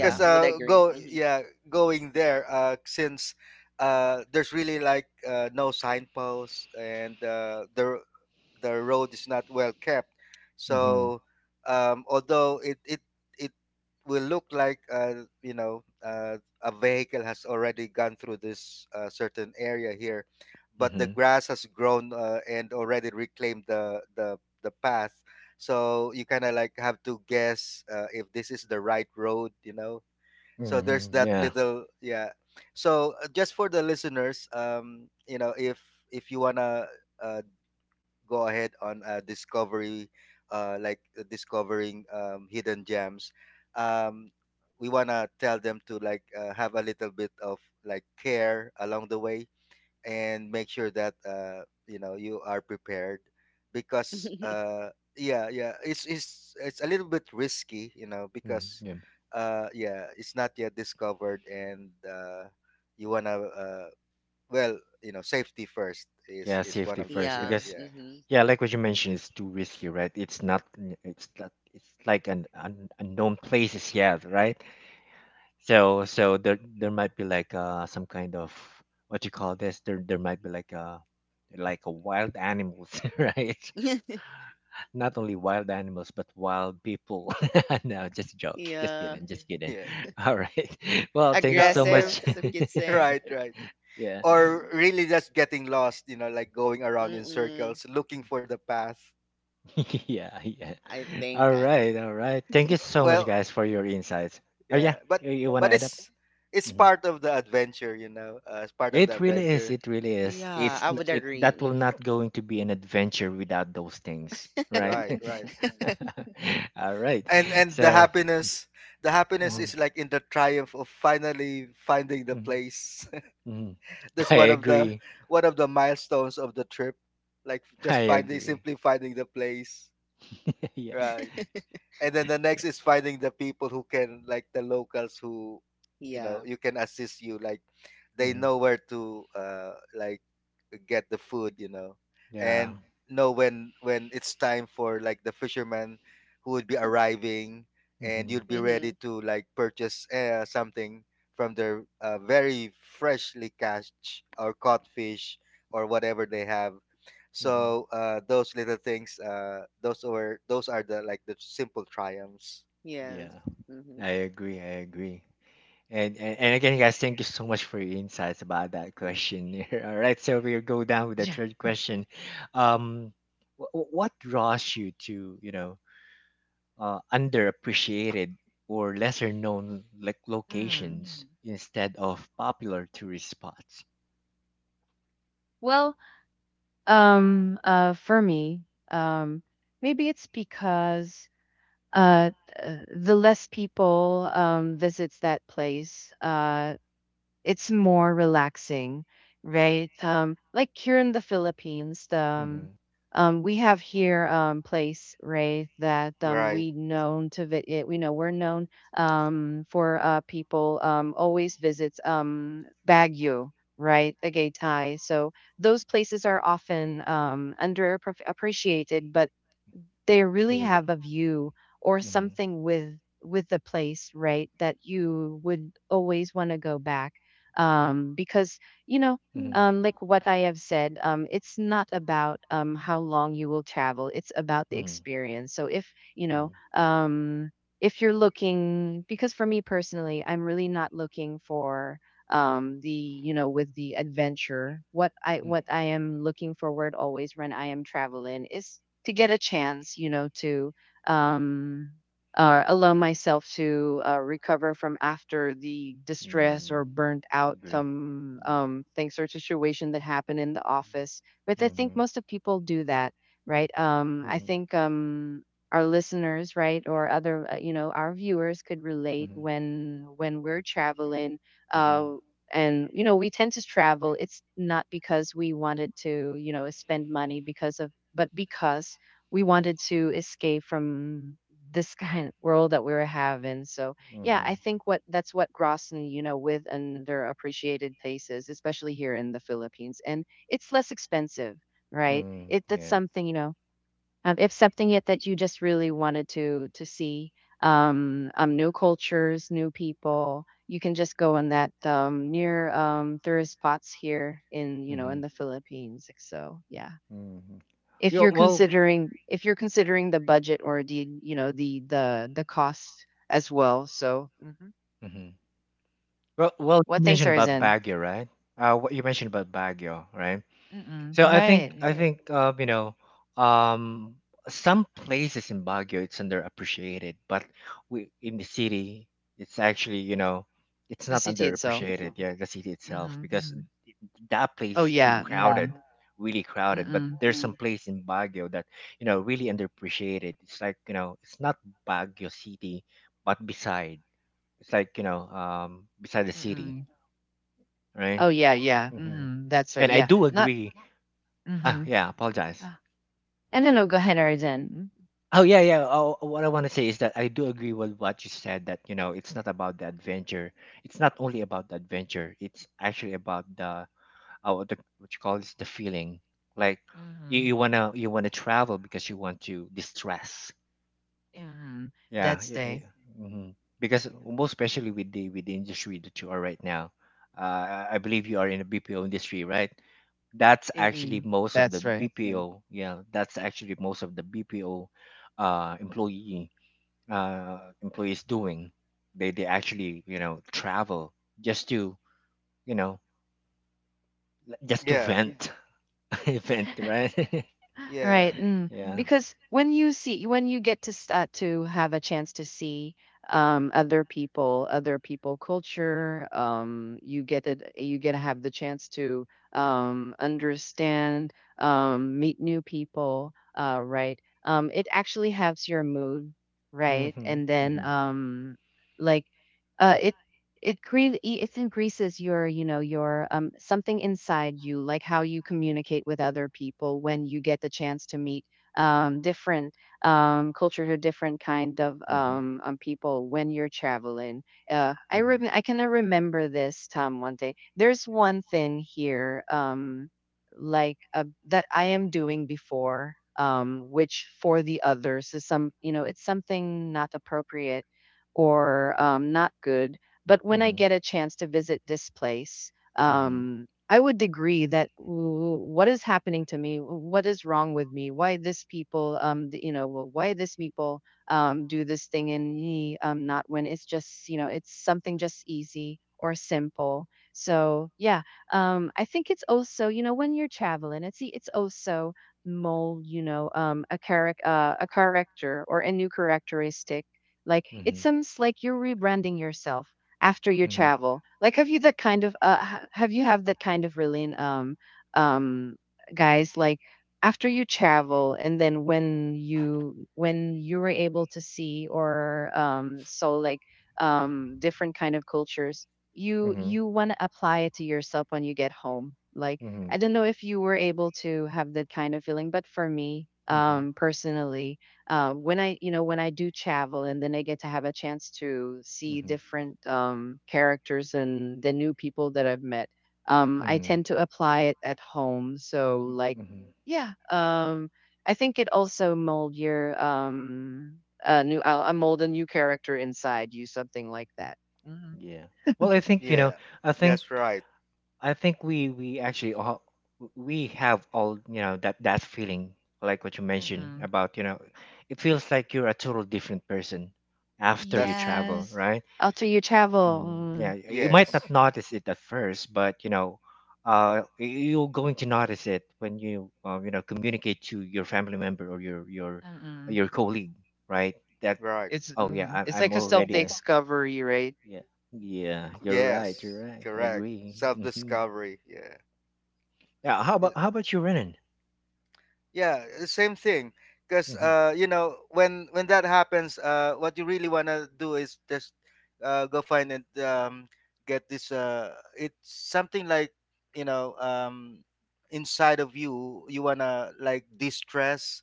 S2: Because
S3: would
S2: uh,
S3: agree.
S2: go
S3: Mm-hmm.
S2: yeah, going there uh, since uh, there's really like uh, no signposts, and uh, the the road is not well kept.
S1: Mm-hmm.
S2: So um, although it, it it will look like uh, you know, uh, a vehicle has already gone through this uh, certain area here, but the
S1: Mm-hmm.
S2: grass has grown uh, and already reclaimed the the the path, so you kind of like have to guess uh, if this is the right road, you know, so there's
S1: Mm-hmm.
S2: that
S1: Yeah.
S2: little, yeah. So uh, just for the listeners, um, you know, if if you wanna uh, go ahead on a discovery, uh like uh, discovering um, hidden gems, um, we wanna tell them to like uh, have a little bit of like care along the way, and make sure that uh you know you are prepared, because uh yeah, yeah, it's it's it's a little bit risky, you know,
S1: Mm,
S2: because
S1: yeah.
S2: uh yeah, it's not yet discovered, and uh you want to uh well, you know, safety first is
S1: Yeah,
S2: is one
S1: safety
S2: of the,
S1: first,
S2: yeah,
S3: Yeah.
S1: because
S2: yeah.
S3: Mm-hmm.
S1: yeah, like what you mentioned, it's too risky, right? It's not. n- It's not. It's like an, an unknown places yet, right? So so there there might be like uh some kind of, what you call this? There there might be like uh like a wild animals, right? Not only wild animals, but wild people. No, just joke. Just
S3: yeah.
S1: kidding. Just kidding.
S2: Yeah,
S1: All right. Well, thank
S2: you
S1: you
S2: know,
S1: so
S3: Aggressive,
S1: much.
S3: some kids say.
S2: right, right.
S1: Yeah.
S2: Or
S3: Mhm.
S2: really just getting lost, you know, like going around in
S3: Mm-mm.
S2: circles looking for the path.
S1: Yeah, yeah.
S3: I think,
S1: All
S3: I
S1: right,
S3: think.
S1: all right. Thank you so much,
S2: Well,
S1: guys, for your insights. Oh yeah,
S2: yeah, but
S1: you, you wanna
S2: but
S1: add up?
S2: it's it's
S1: Mhm.
S2: part of the adventure, you know, uh, it's part of the
S1: It really is.
S2: adventure.
S1: It really is.
S3: Yeah,
S1: It's
S3: I
S1: n-
S3: would
S1: it
S3: agree.
S1: that will
S3: Hmm.
S1: not going to be an adventure without those things, right?
S2: Right, right.
S1: All right.
S2: and and the
S1: So,
S2: happiness, the happiness
S1: mhm,
S2: is like in the triumph of finally finding the
S1: mhm,
S2: place.
S1: mhm.
S2: That's
S1: I
S2: one of the,
S1: agree.
S2: one of the milestones of the trip, like just
S1: I
S2: finding,
S1: agree.
S2: simply finding the place,
S1: Yeah,
S2: right. And then the
S1: yeah,
S2: next is finding the people who can, like the locals who, you know,
S3: yeah.
S2: you can assist you, like they
S1: mhm,
S2: know where to uh like get the food, you know,
S1: yeah,
S2: and know when when it's time for like the fishermen who would be arriving, and
S1: mhm,
S2: you'd be
S3: Mm-hmm.
S2: ready to like purchase uh, something from their uh, very freshly catch or caught fish or whatever they have.
S1: mhm,
S2: So uh, those little things, uh, those are those are the like the simple triumphs,
S3: Yes.
S1: yeah.
S3: Mm-hmm.
S1: I agree. I agree. And, and and again, guys, thank you so much for your insights about that question. All right, so we'll go down with the
S3: Yeah.
S1: third question. Um, wh- wh- what draws you to you know uh, underappreciated or lesser known like
S3: Mm.
S1: locations, Mhm, instead of popular tourist spots?
S3: Well, um, uh, for me, um, maybe it's because uh, th- uh, the less people um, visits that place, uh, it's more relaxing, right? Um, like here in the Philippines, the,
S1: Mm-hmm.
S3: um, um, we have here um place, right, that um
S2: right?
S3: we known to vi- it, we know we're known um for uh people um always visits um Baguio, right, Tagaytay. So those places are often um under appreciated, but they really
S1: Mhm.
S3: have a view or
S1: Mm-hmm.
S3: something with with the place, right, that you would always want to go back um because you know
S1: Mm-hmm.
S3: um like what I have said, um it's not about um how long you will travel, it's about the
S1: Mm.
S3: experience. So if you
S1: Hmm,
S3: know
S1: mm,
S3: um if you're looking because for me personally, I'm really not looking for um the you know with the adventure. what i
S1: hmm, mm,
S3: what
S1: hmm, mm.
S3: i am looking forward always when I am traveling is to get a chance, you know, to um, uh, allow myself to uh, recover from after the
S1: Mm-hmm.
S3: distress or
S1: Mm-hmm.
S3: burnt out
S1: Agree.
S3: some
S1: Mm-hmm.
S3: um, things or situation that happened in the office. But I think
S1: Mm-hmm.
S3: most of people do that, right? Um, I
S1: Mm-hmm.
S3: think um, our listeners, right, or other, uh, you know, our viewers could relate
S1: Mm-hmm.
S3: when when we're traveling. Uh, and you know, we tend to travel. It's not because we wanted to, you know spend money because of, but because we wanted to escape from this kind of world that we were having. So yeah,
S1: Mm-hmm.
S3: I think what that's what Grossen, you know, with underappreciated places, especially here in the Philippines, and it's less expensive, right?
S1: Mm-hmm.
S3: It That's
S1: Yeah.
S3: something, you know, um, if something yet that you just really wanted to to see, um, um, new cultures, new people, you can just go on that um near um tourist spots here in, you know,
S1: Mm-hmm.
S3: in the Philippines. So yeah,
S1: Hmm.
S3: if
S1: Yeah,
S3: you're
S1: well,
S3: considering if you're considering the budget or the, you know, the the the cost as well, so mhm.
S1: hmm well, well, you
S3: What things
S1: mentioned
S3: are is
S1: about
S3: in.
S1: Baguio, right? Uh, what you mentioned about Baguio, right?
S3: Mm-mm.
S1: So I
S3: Right.
S1: think I
S3: Mm.
S1: think uh, you know, um, some places in Baguio it's underappreciated, but we in the city it's actually you know it's
S3: The
S1: not
S3: city itself.
S1: underappreciated. Yeah, the city itself
S3: Mhm.
S1: because hmm that place
S3: Oh
S1: is too, yeah,
S3: yeah.
S1: crowded,
S3: Mhm.
S1: really crowded. But
S3: Mm-mm.
S1: there's some place in Baguio that you know really underappreciated. It's like you know it's not Baguio City, but beside. It's like you know, um, beside the city,
S3: Mm-mm.
S1: right?
S3: Oh yeah, yeah.
S1: Mhm.
S3: Mhm. That's right,
S1: And I
S3: yeah,
S1: do
S3: not.
S1: agree. Ah,
S3: Mhm.
S1: yeah, apologize.
S3: uh, and then, oh, go ahead, Arizin.
S1: Oh yeah, yeah. Oh, oh, what I want to say is that I do agree with what you said. That you know, it's not about the adventure. It's not only about the adventure. It's actually about the uh, what the- what you call this, the feeling. Like you,
S3: Mhm.
S1: you wanna you wanna travel because you want to distress.
S3: Mhm.
S1: Yeah,
S3: That's
S1: yeah,
S3: day.
S1: yeah. Mhm. Because most especially with the with the industry that you are right now, uh, I I believe you are in the B P O industry, right? That's actually
S3: Mm-mm.
S1: most of the,
S3: That's right.
S1: okay, B P O. Yeah, that's actually most of the B P O uh, employee uh, employees doing. They they actually you know travel just to you know l- just to
S2: Yeah,
S1: vent,
S2: y-
S1: vent, right?
S2: yeah,
S3: Right. Mm.
S1: Yeah.
S3: Because when you see, when you get to s- uh, to have a chance to see um, other people, other people culture, um, you get it. You get to have the chance to um, understand, um, meet new people. Uh, right. Um, it actually helps your mood. Right.
S1: Mm.
S3: And then, um, like, uh, it it cre it increases your, you know, your, um, something inside you, like how you communicate with other people when you get the chance to meet, um, different, um, culture or different kind of,
S1: Mm-hmm.
S3: um, um, people when you're traveling. Uh, I rem
S1: Mm-hmm.
S3: I kind remember this, Tom, one day. There's one thing here, um, like, uh, that I am doing before, um, which for the others is some, you know, it's something not appropriate or, um, not good. But when I
S1: Mm-hmm.
S3: get a chance to visit this place,
S1: Mm-hmm.
S3: um, I would agree that, "Ooh, what is happening to me? What is wrong with me? Why this people, um, th- you know, wh- why this people um, do this thing and me um, not when it's just, you know, it's something just easy or simple." So yeah, um, I think it's also, you know, when you're traveling, it's e, it's also mold, you know, um, a character, uh, a character or a new characteristic. Like, it
S1: Mm-hmm.
S3: seems like you're rebranding yourself after your
S1: Mm-hmm.
S3: travel. Like, have you that kind of uh ha- have you have that kind of really um um guys, like, after you travel and then when you when you were able to see, or um so, like, um different kind of cultures, you
S1: Mm-hmm.
S3: you want to apply it to yourself when you get home. Like,
S1: Mm-hmm.
S3: I don't know if you were able to have that kind of feeling, but for me
S1: Mm-hmm.
S3: um personally, um, when I, you know, when I do travel and then I get to have a chance to see
S1: Mm-hmm.
S3: different um, characters and the new people that I've met, um, I
S1: Mm-hmm.
S3: tend to apply it at home. So, like,
S1: Mm-hmm.
S3: yeah, um, I think it also mold your um, a new, uh, uh, mold a new character inside you, something like that. Mhm.
S1: Yeah. Well, I think you know.
S2: yeah.
S1: I think.
S2: Yes, right.
S1: I think we we actually all we have all you know that that feeling like what you mentioned
S3: Mm-mm.
S1: about you know it feels like you're a total different person after you
S2: That's
S1: travel,
S3: Yes.
S1: right?
S3: After you travel,
S1: Mm, yeah,
S3: mm.
S1: you might
S2: yes.
S1: not notice it at first but you know uh y- you're going to notice it when you uh, you know communicate to your family member or your your
S3: Mm-mm.
S1: your colleague, right? That
S2: Right.
S3: It's
S1: oh yeah,
S3: mhm,
S1: I,
S3: it's
S1: i'm
S3: like a self
S1: already a,
S3: discovery, right?
S1: yeah, yeah, you're right you're
S2: Yes.
S1: right I
S2: Correct.
S1: agree.
S2: Self
S1: Hmm.
S2: discovery. Yeah.
S1: Yeah, how about
S2: Y-
S1: how about you, Renan?
S2: Yeah. The same thing. Because
S1: Mm-hmm.
S2: uh, you know, when when that happens, uh, what you really wanna do is just uh, go find and um, get this. Uh, it's something like you know, um, inside of you, you wanna like distress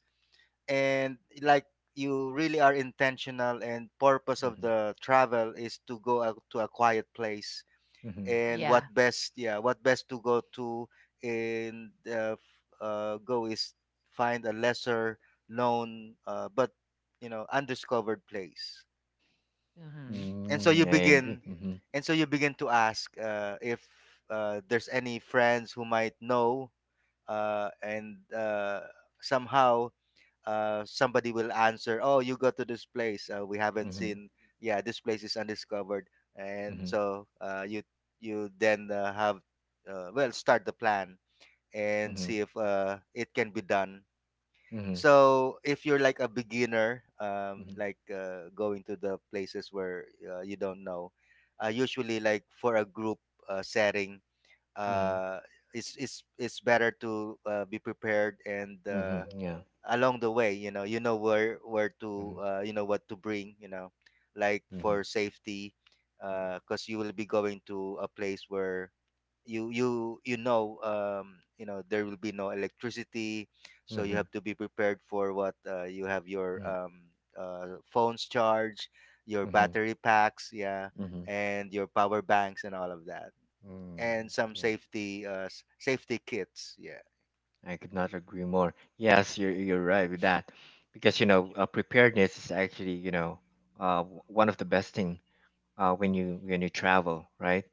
S2: and like you really are intentional and purpose of
S1: Mm-hmm.
S2: the travel is to go out to a quiet place.
S1: Mm-hmm.
S2: And what
S3: Yeah.
S2: best, yeah, what best to go to and uh, f- uh, go is find a lesser known, uh, but you know undiscovered place.
S3: Mm-hmm.
S2: and so you
S1: Mm, I agree.
S2: begin
S1: Mm-hmm.
S2: and so you begin to ask, uh, if uh, there's any friends who might know, uh, and uh, somehow uh, somebody will answer, "Oh, you go to this place. Uh, we haven't
S1: Mm-hmm.
S2: seen. Yeah, this place is undiscovered." And
S1: Mm-hmm.
S2: so, uh, you you then uh, have, uh, well, start the plan and
S1: Mm-hmm.
S2: see if uh, it can be done.
S1: Mm-hmm.
S2: So if you're like a beginner, um,
S1: Mm-hmm.
S2: like uh, going to the places where uh, you don't know, uh, usually like for a group uh, setting,
S1: Mm-hmm.
S2: uh, it's it's it's better to uh, be prepared, and uh,
S1: Mm-hmm. Yeah.
S2: along the way, you know, you know where where
S1: Mm-hmm.
S2: to uh, you know what to bring, you know, like
S1: Mm-hmm.
S2: for safety, because you will be going to a place where you you you know um, you know there will be no electricity, so you
S1: Mm-hmm.
S2: have to be prepared for what uh, you have, your um, uh, phones charged, your
S1: Mm-hmm.
S2: battery packs, yeah,
S1: Mm-hmm.
S2: and your power banks and all of that
S1: Mm,
S2: and some
S1: yeah.
S2: safety uh s- safety kits. Yeah,
S1: I could not agree more. Yes, you're you're right with that, because you know uh, preparedness is actually you know uh w- one of the best thing uh when you when you travel, right?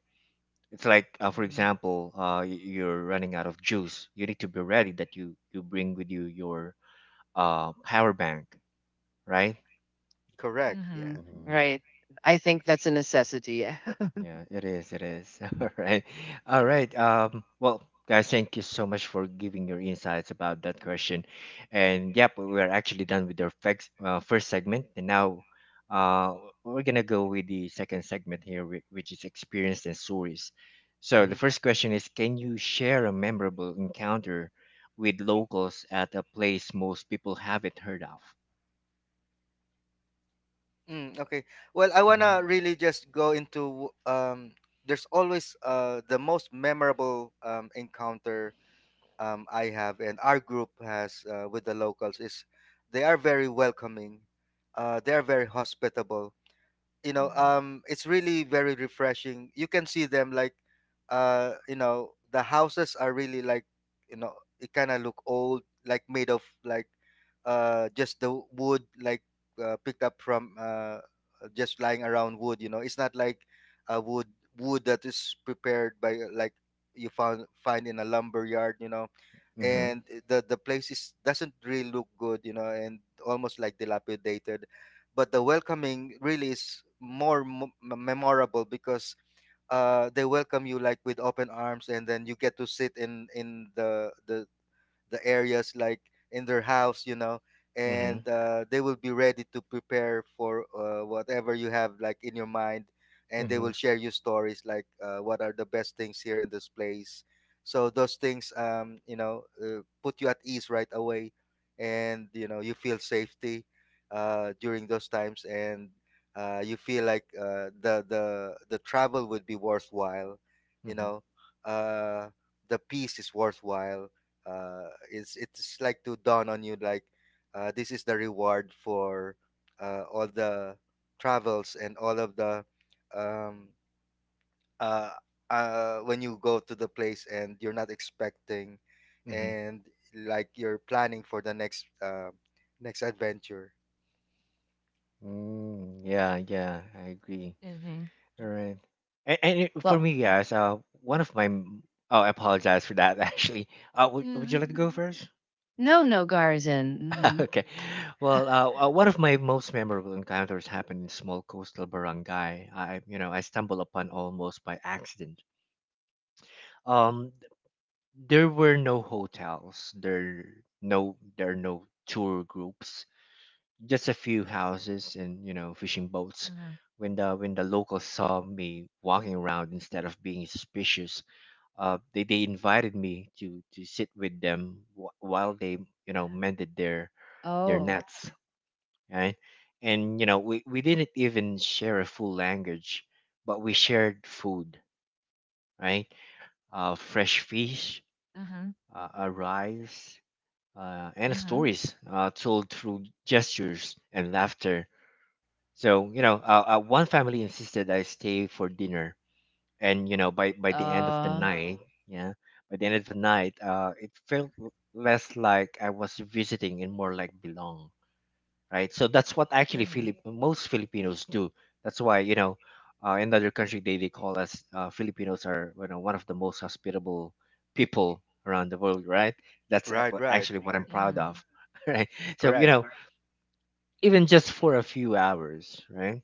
S1: It's like uh, for example, uh y- you're running out of juice. You need to be ready that you you bring with you your uh power bank, right?
S2: correct. Yeah.
S3: Mhm. Right. I think that's a necessity.
S1: Yeah, it is, it is. All right. All
S2: Yeah.
S1: right. Um, well, guys, thank you so much for giving your insights about that question. And yep, we are actually done with our fex- uh, first segment and now uh we're going to go with the second segment here whi- which is experience and stories. So, the
S2: Mm-hmm.
S1: first question is, can you share a memorable encounter with locals at a place most people haven't heard of?
S2: Mm, okay. Well, I
S1: Mm-hmm.
S2: wanna really just go into um. There's always uh the most memorable um encounter um I have and our group has, uh, with the locals, is they are very welcoming. Uh, they are very hospitable. you know
S3: Mhm.
S2: um it's really very refreshing. You can see them like, uh you know, the houses are really like, you know, it kind of look old, like made of like, uh just the wood, like uh, picked up from, uh just lying around wood. You know, it's not like a wood wood that is prepared by, uh, like, you found find in a lumber yard, you know.
S1: Mm-hmm.
S2: And eh, the the place is doesn't really look good, you know, and almost like dilapidated, but the welcoming really is more m- memorable because uh, they welcome you like with open arms, and then you get to sit in in the the the areas, like in their house, you know,
S1: Mm-hmm.
S2: and uh, they will be ready to prepare for uh, whatever you have like in your mind, and they
S1: Mm-hmm.
S2: will share you stories like, uh, what are the best things here in this place. So those things, um, you know, uh, put you at ease right away, and you know you feel safety uh, during those times, and uh, you feel like uh, the the the travel would be worthwhile, you
S1: Mm-hmm.
S2: know. Uh, the peace is worthwhile. Uh, it's it's like to dawn on you like, uh, this is the reward for uh, all the travels and all of the um, uh, uh, when you go to the place and you're not expecting,
S1: Mm-hmm.
S2: and like you're planning for the next uh, next adventure.
S1: Mm, yeah, yeah, I agree.
S3: Mhm.
S1: All right. And, and it- for
S3: Well,
S1: me, guys, uh, one of my m- oh, I apologize for that. Actually, uh, would, would you like to
S3: mhm.
S1: go first?
S3: No, no, Garzin. Mhm,
S1: Okay. Well, uh, uh, one of my most memorable encounters happened in small coastal barangay. I, you know, I stumbled upon almost by accident. Um, there were no hotels. There no there are no tour groups. Just a few houses and you know fishing boats.
S3: mhm.
S1: When the when the locals saw me walking around, instead of being suspicious, uh they, they invited me to to sit with them wh- while they, you know
S3: Mhm.
S1: mended their their
S3: Oh.
S1: nets, right? And you know we, we didn't even share a full language, but we shared food, right? Uh, fresh fish,
S3: Mhm,
S1: uh, uh, rice, uh, and
S3: mhm.
S1: stories, uh, told through gestures and laughter. So you know, uh, uh, one family insisted I stay for dinner, and you know, by by the end of the
S3: Uh.
S1: night, yeah, by the end of the night, uh, it felt l- less like I was visiting and more like belong, right? So that's what
S3: Yeah,
S1: actually
S3: yeah,
S1: Philip most Filipinos do. That's why you know, uh, in other country they they call us uh, Filipinos are you know one of the most hospitable people around the world, right? That's a-
S2: Right, right,
S1: actually what I'm
S3: yeah,
S1: proud
S3: man.
S1: of, right? So you
S2: correct,
S1: know, even just for a few hours, right?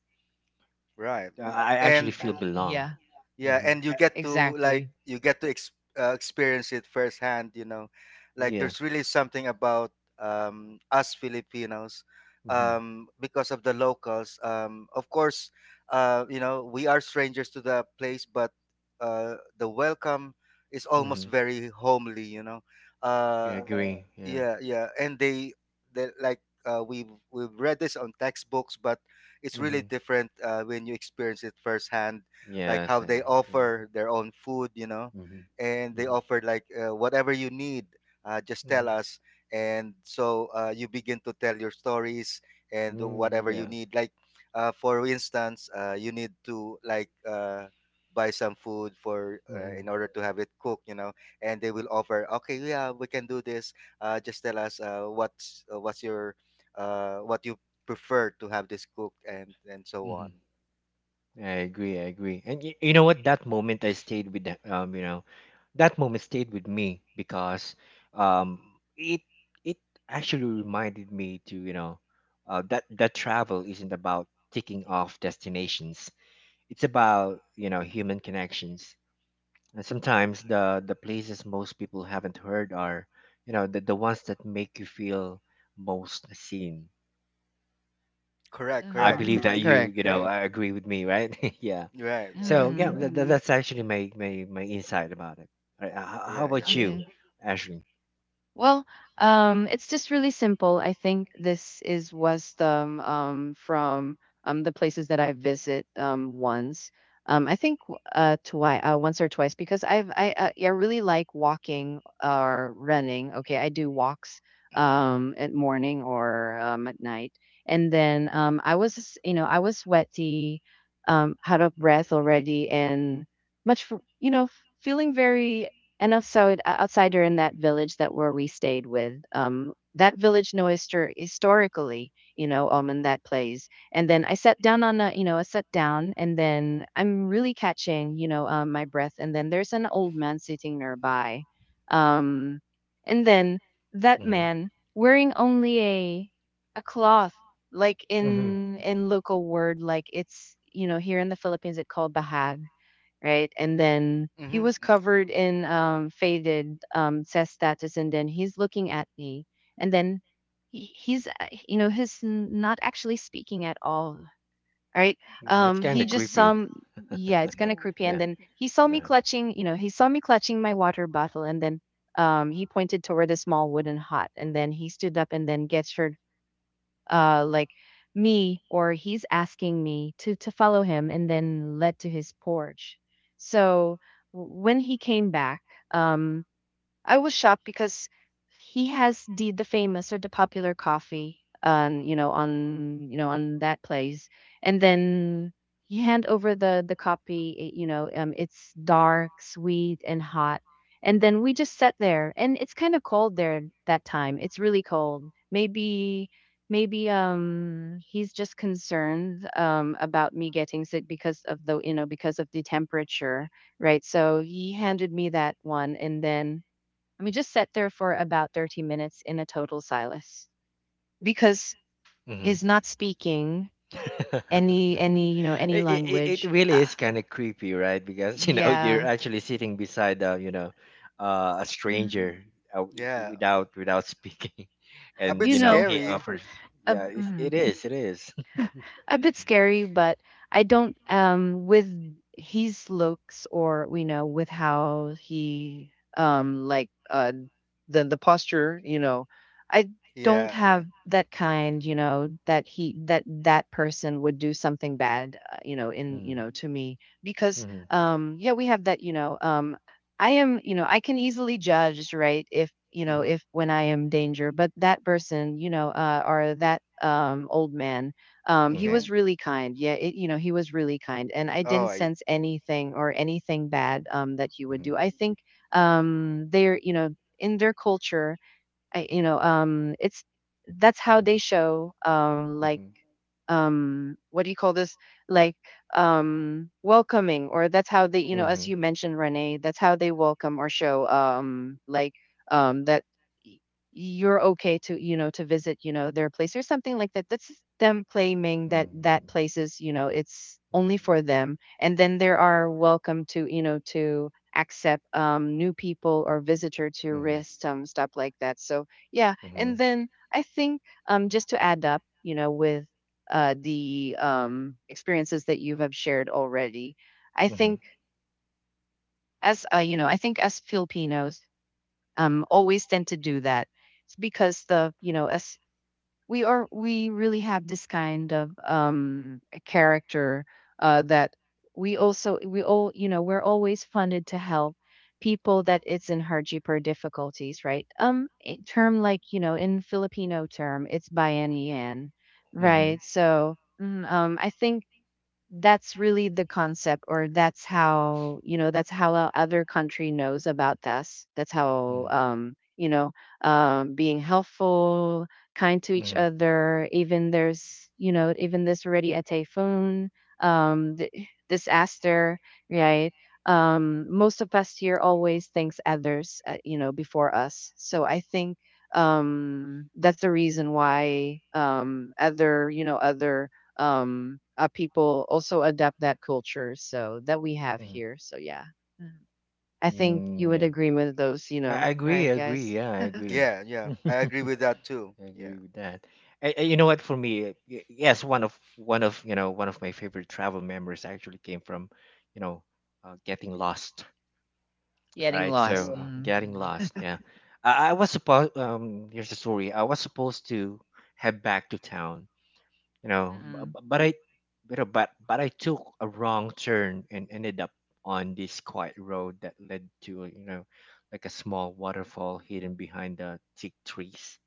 S2: right,
S1: Yeah, I actually
S2: and
S1: feel belong.
S3: Yeah.
S2: yeah, and you
S1: Uh,
S2: get to like
S3: Exactly.
S2: you get to ex- uh, experience it firsthand. You know, like
S1: yeah.
S2: there's really something about um, us Filipinos, um, because of the locals. Um, of course, uh, you know, we are strangers to the place, but uh, the welcome is almost very homely. You know,
S1: Yeah,
S2: uh,
S1: agree. Yeah,
S2: yeah yeah and they they like, uh, we've we've read this on textbooks, but it's really different uh, when you experience it firsthand, like how
S1: yes, I
S2: they
S1: agree.
S2: offer their own food, you know,
S1: Mhm,
S2: and they
S1: mhm,
S2: offer like uh, whatever you need. Uh, just tell
S1: mhm,
S2: us, and so uh, you begin to tell your stories and
S1: mm,
S2: whatever you
S1: yeah,
S2: need, like, uh, for instance, uh, you need to like uh, buy some food for, uh, in
S1: mhm,
S2: order to have it cooked, you know, and they will offer, okay, yeah, we can do this. Uh, just tell us uh, what's uh, what's your, uh, what you prefer to have this cooked, and and so
S1: mhm.
S2: on.
S1: I agree. I agree. And y- you know what? That moment I stayed with the, um, you know, that moment stayed with me because um, it it actually reminded me to you know, uh, that that travel isn't about ticking off destinations. It's about you know human connections. And sometimes the the places most people haven't heard are, you know, the, the ones that make you feel most seen.
S2: Correct,
S1: I, right,
S2: correct.
S3: Mhm,
S1: believe that. Mhm. you,
S3: correct,
S1: you know, right, I agree with me, right? Yeah, right.
S2: Right,
S1: So
S2: right.
S1: yeah,
S3: mhm.
S1: that, that- that's actually my, my my insight about it. Right. Uh, h- how
S2: Yeah, yeah.
S1: about you,
S3: Okay.
S1: Ashley?
S3: Well, um, it's just really simple. I think this is wisdom um, from um, the places that I visit um, once. Um, I think w- uh, twice, uh, once or twice, because I've I uh, yeah, I really like walking or running. Okay, I do walks um, at morning or um, at night, and then um, I was, you know, I was sweaty, um, out of breath already, and much f- you know, f- feeling very and outside o- outside or in that village that where we stayed with, um, that village know histor- historically, you know, um, in that place. And then I sat down on a, you know, I sat down, and then I'm really catching, you know, um, my breath. And then there's an old man sitting nearby, um, and then that
S1: Mm-hmm.
S3: man wearing only a a cloth, like in
S1: Mm-hmm.
S3: in local word, like it's, you know, here in the Philippines it called bahag, right? And then he
S2: Mhm,
S3: was
S2: mm.
S3: covered in um, faded um, says status, and then he's looking at me, and then he- he's uh, you know, he's n- not actually speaking at all, right?
S1: That's
S3: Um,
S1: kind
S3: he
S1: of
S3: just
S1: creepy.
S3: some. Yeah, it's kind of creepy.
S1: Yeah.
S3: And then he saw me
S1: Uh-huh.
S3: clutching, you know, he saw me clutching my water bottle, and then um, he pointed toward a small wooden hut, and then he stood up and then gestured uh like, me, or he's asking me to to follow him, and then led to his porch. So w- when he came back, um I was shocked because he has the the famous or the popular coffee um you know, on you know on that place. And then you hand over the the copy it- you know, um it's dark, sweet, and hot. And then we just sat there, and it's kind of cold there. That time it's really cold. Maybe, maybe um he's just concerned um about me getting sick because of the, you know, because of the temperature, right? So he handed me that one, and then and we just sat there for about thirty minutes in a total silence because
S1: Mm-hmm.
S3: he's not speaking any
S1: Any
S3: any you know, any
S1: any it, it, any it it
S3: language.
S1: any really
S3: Uh,
S1: is kind of creepy, right? Because you know you're
S3: yeah.
S1: actually sitting beside uh, you know uh, a
S3: Hmm.
S1: stranger uh,
S2: Yeah.
S1: without without speaking,
S2: A
S1: and
S2: bit
S3: You
S1: you know
S3: know,
S1: he
S2: scary.
S1: offers. Yes.
S3: a,
S1: Yeah, it,
S3: mhm.
S1: it is. It is.
S3: A bit scary, but I don't um with his looks or, you know, with how he um like, uh the the posture, you know. I don't
S2: Yeah, yeah.
S3: have that kind, you know, that he that that person would do something bad, uh, you know, in, you
S1: Mm.
S3: know, to me because
S1: Mhm,
S3: um yeah, we have that, you know, um I am, you know, I can easily judge, right, if you know,
S2: Mhm.
S3: if when I am danger. But that person, you know, uh or that um old man, um he
S1: mhm,
S3: was
S2: Okay.
S3: really kind. Yeah, it, you know, he was really kind, and I
S2: Oh,
S3: didn't
S2: I
S3: sense anything or anything bad um that he would do. I
S1: mhm,
S3: think um they're, you know, in their culture, I, you know, um it's that's how they show um like,
S1: mhm,
S3: um what do you call this, like, um welcoming, or that's how they, you know, as
S1: mhm,
S3: you mentioned, Renee, that's how they welcome or show um like, um that y- you're okay to, you know, to visit, you know, their place or something like that. That's them claiming that that
S1: mhm,
S3: place is, you know, it's only for them, and then they are welcome to, you know, to accept um new people or visitor to
S1: mhm, mhm,
S3: risk some stuff like that. So yeah, and
S1: mhm,
S3: then I think um just to add up, you know, with uh, the um, experiences that you have shared already. I
S1: mhm,
S3: think as, uh, you know, I think as Filipinos um, always tend to do that. It's because the you know as we are we really have this kind of um, a character uh, that we also we all you know we're always funded to help people that it's in hardship or difficulties right um a term, like you know in Filipino term, it's bayanihan,
S1: mhm,
S3: right so mm, um I think that's really the concept, or that's how you know that's how a other country knows about us. That's how, um you know um being helpful, kind to each
S1: mhm,
S3: other, even there's, you know even there's already a typhoon, um th- disaster, right? Um most of us here always thinks others uh, you know before us. So I think um that's the reason why um other you know other um uh, people also adapt that culture so that we have
S1: mhm.
S3: here. So yeah. Mhm. I think you
S1: Mm,
S3: would
S1: yeah,
S3: agree with those, you
S1: I
S3: know,
S1: I agree.
S3: right,
S1: I agree.
S3: guys?
S1: Yeah, I agree.
S2: yeah, yeah. I agree with
S1: I
S2: that too. Yeah.
S1: agree with that. I, I- you know what? For me, uh, y- yes, one of one of you know one of my favorite travel memories actually came from, you know, uh, getting lost. All
S3: Getting
S1: right,
S3: lost.
S1: so uh,
S3: Hmm.
S1: getting lost. Yeah, I, I was supposed. Um, here's the story. I was supposed to head back to town. You know, b-
S3: Mm-mm.
S1: b- but I, but I- but but I took a wrong turn and ended up on this quiet road that led to you know, like a small waterfall hidden behind the thick trees.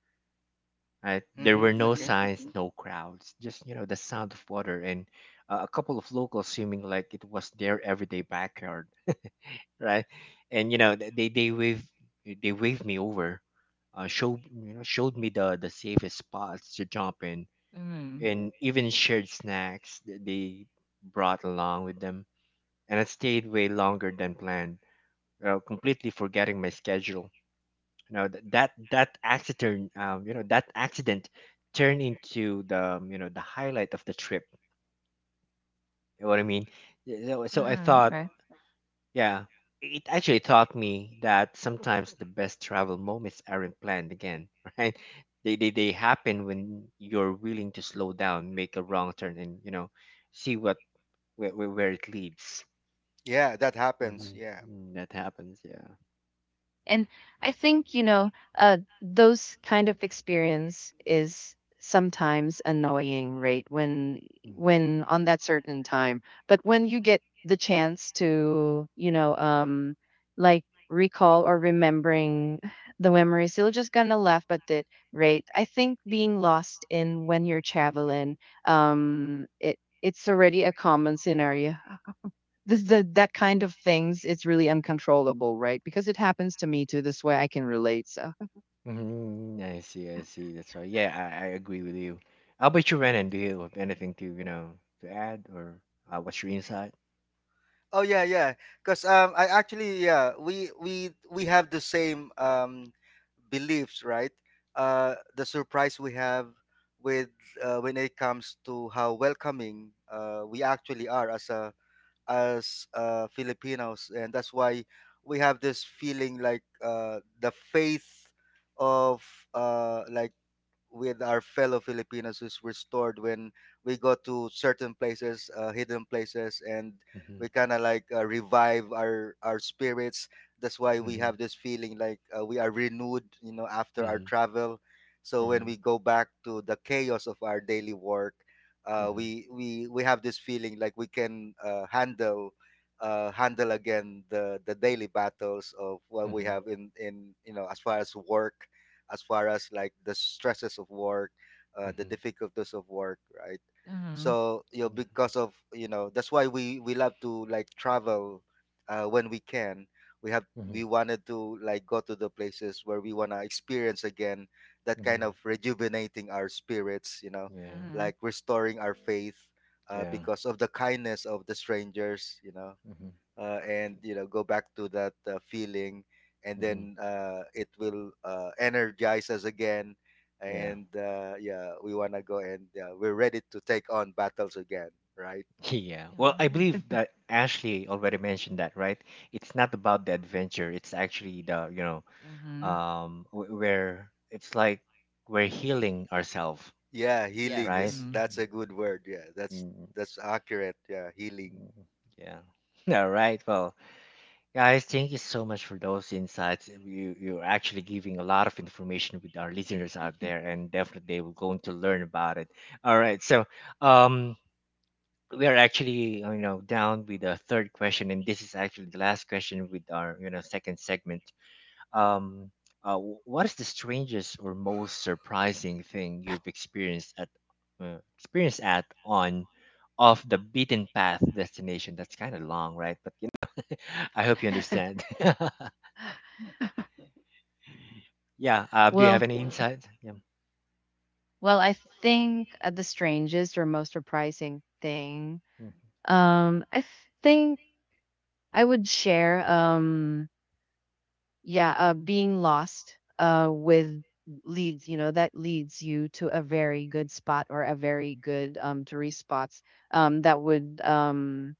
S1: Right? There were
S2: Mhm.
S1: no
S2: Okay.
S1: signs, no crowds, just you know the sound of water and uh, a couple of locals swimming like it was their everyday backyard, right? And you know th- they they wave they waved me over, uh, showed you know showed me the the safest spots to jump in,
S3: Mm-mm.
S1: and even shared snacks that they brought along with them. And I stayed way longer than planned, you know, completely forgetting my schedule you know th- that that accident um, you know that accident turned into the um, you know the highlight of the trip, you know what I mean Y- so, so i
S3: Mm-mm.
S1: thought,
S3: Right.
S1: yeah, it actually taught me that sometimes the best travel moments aren't planned again right? They, they they happen when you're willing to slow down, make a wrong turn, and you know see what where, where where it leads.
S2: Yeah, that happens. Yeah.
S1: Hmm. That happens, yeah.
S3: And I think, you know, uh, those kind of experience is sometimes annoying, right? When
S1: Mm.
S3: when on that certain time. But when you get the chance to, you know, um like recall or remembering the memories, you're just gonna laugh at it, right? I think being lost in when you're traveling, um it it's already a common scenario. This the That kind of things, it's really uncontrollable, right? Because it happens to me too. This way I can relate. So
S1: Mm-hmm. I see, I see. That's right. Yeah, I, I agree with you. How about you, Renan? Do you have anything to, you know, to add, or uh, what's your insight?
S2: Oh yeah, yeah. Because um, I actually, yeah, we we we have the same um beliefs, right? Uh, the surprise we have with, uh, when it comes to how welcoming uh, we actually are as a as, uh, Filipinos, and that's why we have this feeling like, uh, the faith of, uh, like, with our fellow Filipinos is restored when we go to certain places, uh, hidden places, and
S1: Mm-hmm.
S2: we kind of like uh, revive our our spirits. That's why we
S1: Mm-hmm.
S2: have this feeling like, uh, we are renewed, you know, after our
S1: Mm-hmm.
S2: travel. So when we go back to the chaos of our daily work, uh,
S1: Mm-hmm.
S2: we we we have this feeling like we can, uh, handle uh, handle again the the daily battles of what we have in in you know, as far as work, as far as like the stresses of work, uh, the
S1: Mm-hmm.
S2: difficulties of work, right?
S3: mhm,
S2: So you know, because of, you know, that's why we we love to like travel uh, when we can. We have,
S1: Mm-hmm. Mm-hmm. Yeah.
S2: we wanted to like go to the places where we wanna experience again that
S1: Mm-hmm.
S2: kind
S1: Mm-hmm.
S2: of rejuvenating our spirits, you know,
S1: Yeah.
S3: mhm,
S2: like restoring our faith uh,
S1: Yeah.
S2: because of the kindness of the strangers, you know,
S1: Mm-hmm.
S2: uh, and, you know, go back to that uh, feeling, and
S1: Mm-hmm. Yeah.
S2: then uh, it will uh, energize us again, and uh, yeah, we want to go, and uh, we're ready to take on battles again, right?
S1: Yeah. Well, I
S3: mhm,
S1: believe that Ashley already mentioned that, right? It's not about the adventure. It's actually the, you know,
S3: mhm.
S1: um, wh- where it's like we're healing ourselves,
S2: Yeah,
S3: Yeah.
S2: healing
S1: right?
S2: is,
S3: Mhm.
S2: that's a good word. Yeah, that's
S1: Mm.
S2: that's accurate, yeah, healing.
S1: Mm. Yeah. All right. Well, guys, thank you so much for those insights. You you're actually giving a lot of information with our listeners out there, and definitely they will going to learn about it. All right. So, um, we are actually you know down with the third question, and this is actually the last question with our you know second segment. um, uh, wh- what is the strangest or most surprising thing you've experienced at uh, experienced at on off the beaten path destination? That's kind of long, right? But you know, I hope you understand. Yeah. Uh, do you have
S3: Well,
S1: any insights? Yeah.
S3: well, I think uh, the strangest or most surprising thing, um, I think I would share, um, yeah, uh, being lost, uh, with leads, you know, that leads you to a very good spot or a very good, um, tourist spots, um, that would, um,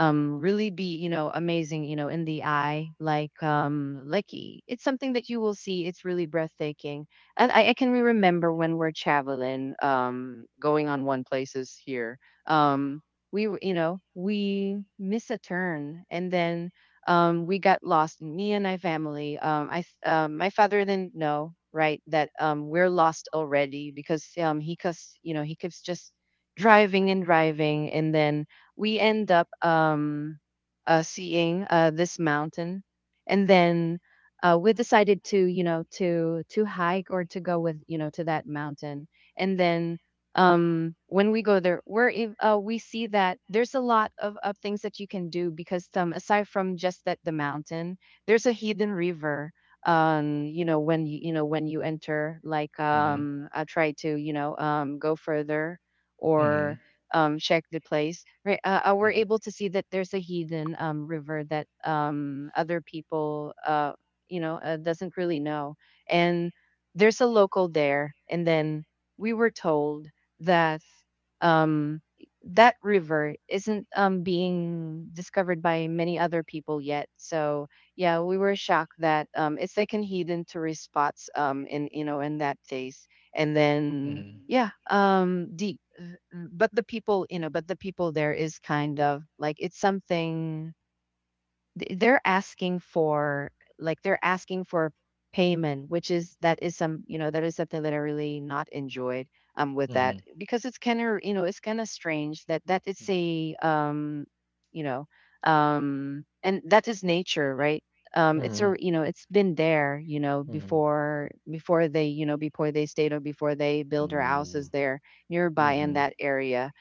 S3: um really be, you know, amazing, you know, in the eye, like um like y- it's something that you will see. It's really breathtaking. And i, I can remember when we're traveling, um going on one places here. um we were- you know, we miss a turn, and then um we got lost, me and my family. Um i th- um, my father didn't know, right, that um we're lost already, because um he cause you know, he keeps just driving and driving, and then we end up um, uh, seeing uh, this mountain, and then uh, we decided to, you know, to to hike or to go with, you know, to that mountain, and then um, when we go there, we're in- uh, we see that there's a lot of, of things that you can do, because um, aside from just that the mountain, there's a hidden river. Um, you know when you you know when you enter, like
S1: Mm-hmm.
S3: um, I try to, you know, um go further or
S1: Mm-hmm.
S3: um, check the place, right? Uh, uh, we're able to see that there's a hidden um, river that um, other people, uh, you know, uh, doesn't really know, and there's a local there. And then we were told that um, that river isn't um, being discovered by many other people yet. So yeah, we were shocked that um, it's like an hidden tourist spots um, in, you know, in that place, and then
S1: Mm-hmm.
S3: yeah, um, deep uh, mm, but the people, you know but the people there is kind of like it's something th- they're asking for, like they're asking for payment, which is that is some, you know, that is something that I really not enjoyed um with
S1: Mm-hmm.
S3: that, because it's kind of, you know, it's kind of strange that that it's a um you know um and that is nature, right? Um it's
S1: Mm-hmm.
S3: a, you know, it's been there, you know,
S1: Mm-hmm. Mm-hmm.
S3: before, before they, you know, before they stayed or before they build their
S1: Mm-hmm.
S3: houses there nearby in
S1: Mm-hmm.
S3: that area,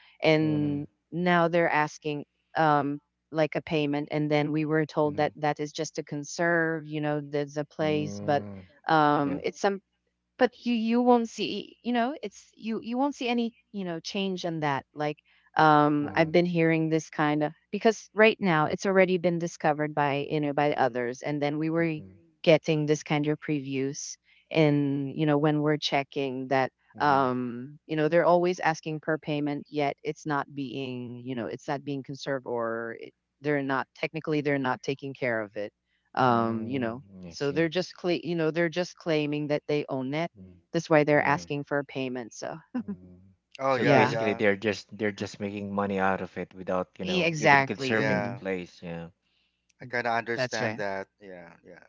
S1: Mm-hmm.
S3: and now they're asking um like a payment, and then we were told
S1: Mm-hmm.
S3: that that is just to conserve, you know, there's a place. But
S1: Mm-hmm.
S3: um
S1: Yeah.
S3: it's some but you, you won't see, you know, it's, you you won't see any, you know, change in that, like um
S1: Mm-hmm.
S3: I've been hearing this kind of, because right now it's already been discovered by, you know by others, and then we were
S1: Mm-hmm.
S3: getting this kind of previews, and you know, when we're checking that,
S1: Mm-hmm.
S3: um you know, they're always asking per payment, yet it's not being, you know, it's not being conserved, or it, they're not technically, they're not taking care of it, um you know
S1: Mm-hmm. I
S3: so they're
S1: see.
S3: just cla, you know, they're just claiming that they own it.
S1: Mm.
S3: That's why they're
S1: Yeah.
S3: asking for a payment, so
S1: Mm. Mm.
S2: Oh
S1: So
S2: yeah,
S3: yeah.
S1: basically,
S2: yeah,
S1: they're just they're just making money out of it without, you
S3: E
S1: know, even
S3: exactly,
S1: conserving the
S3: mm,
S2: yeah,
S1: place. Yeah.
S2: I kind of
S3: that's
S2: understand
S3: right.
S2: that. Yeah, yeah,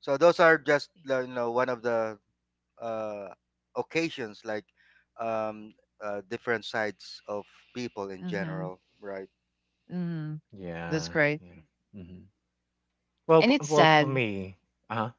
S2: so those are just, uh, you know, one of the uh, occasions like, um, uh, different sides of people in
S3: Mhm,
S2: general, right?
S3: mhm, that's
S1: Yeah.
S3: great,
S1: Yeah. Hmm. Well,
S3: and it's
S1: f- well, for
S3: sad.
S1: me, uh-huh,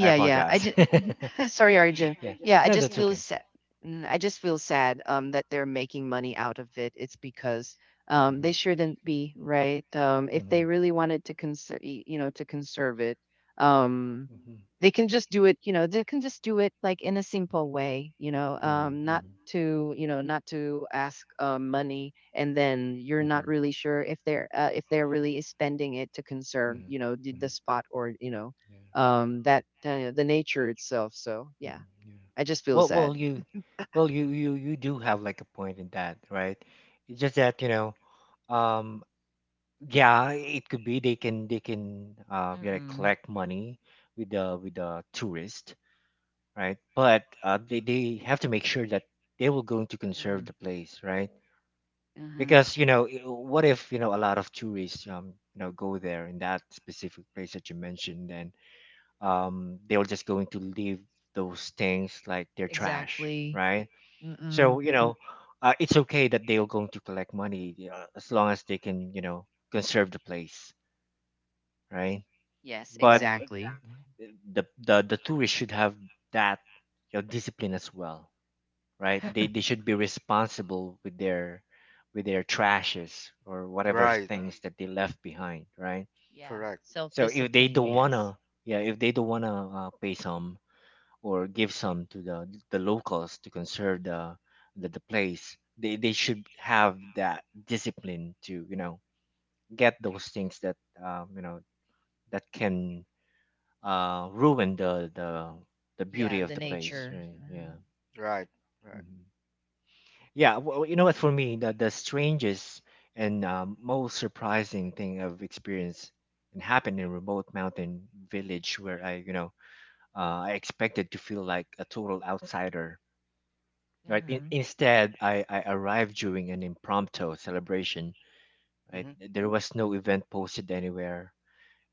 S1: I
S3: yeah. I
S1: apologize.
S3: just, sorry, Arjun.
S1: Yeah.
S3: Yeah, I
S1: No,
S3: just
S1: that's yeah,
S3: feel
S1: okay.
S3: sad. I just feel sad um that they're making money out of it. It's because um they
S1: Mm-hmm.
S3: shouldn't be, right? Um, if they
S1: Mm-hmm.
S3: really wanted to conserve, you know, to conserve it, um
S1: Hmm.
S3: they can just do it, you know, they can just do it like in a simple way, you know, um, not
S1: Hmm.
S3: to, you know, not to ask uh, money, and then you're
S1: Hmm.
S3: not
S1: Hmm.
S3: really sure if they're uh, if they're really spending it to
S1: Yeah.
S3: conserve, you know, the, the spot, or, you know, um, that uh, the nature itself. So yeah,
S1: Hmm. Yeah.
S3: I just feel
S1: Well, well,
S3: sad.
S1: you, well, you, you, you do have like a point in that, right? It's just that, you know, um, yeah, it could be, they can they can uh you know,
S3: Mm-mm.
S1: collect money with the with the tourist, right? But uh, they, they have to make sure that they will going to conserve
S3: Mm-mm.
S1: the place, right?
S3: Hmm.
S1: Because you know, i- what if you know a lot of tourists um you know go there in that specific place that you mentioned, and um they were just going to leave those things like they're trash,
S3: Exactly.
S1: right? So
S3: Mm-mm.
S1: you, Mhm. know, uh, it's okay that they are going to collect money, uh, as long as they can you know conserve the place, right?
S3: Yes,
S1: But
S3: exactly. Mhm.
S1: exactly, the the the tourists should have that, you know, discipline as well, right? They they should be responsible with their with their trashes or whatever
S2: Right,
S1: things that they left behind, right?
S3: Yeah.
S2: correct,
S3: Self
S1: So if they
S3: discipline.
S1: don't
S3: Yes.
S1: wanna, yeah, if they don't wanna uh, pay some or give some to the the locals to conserve the the, the place, they they should have that discipline to you know get those things that um, you know that can uh ruin the the the beauty
S3: Yeah.
S1: of
S3: The
S1: the place,
S3: nature.
S1: right?
S3: Mm-hmm.
S1: Yeah.
S2: right, right,
S1: Hmm. Yeah, well, you know what, for me, the, the strangest and um, most surprising thing I've experienced and happened in a remote mountain village where I you know uh, I expected to feel like a total outsider, right? In,
S3: Mm-hmm.
S1: instead I, I arrived during an impromptu celebration, right?
S2: hmm,
S1: There was no event posted anywhere.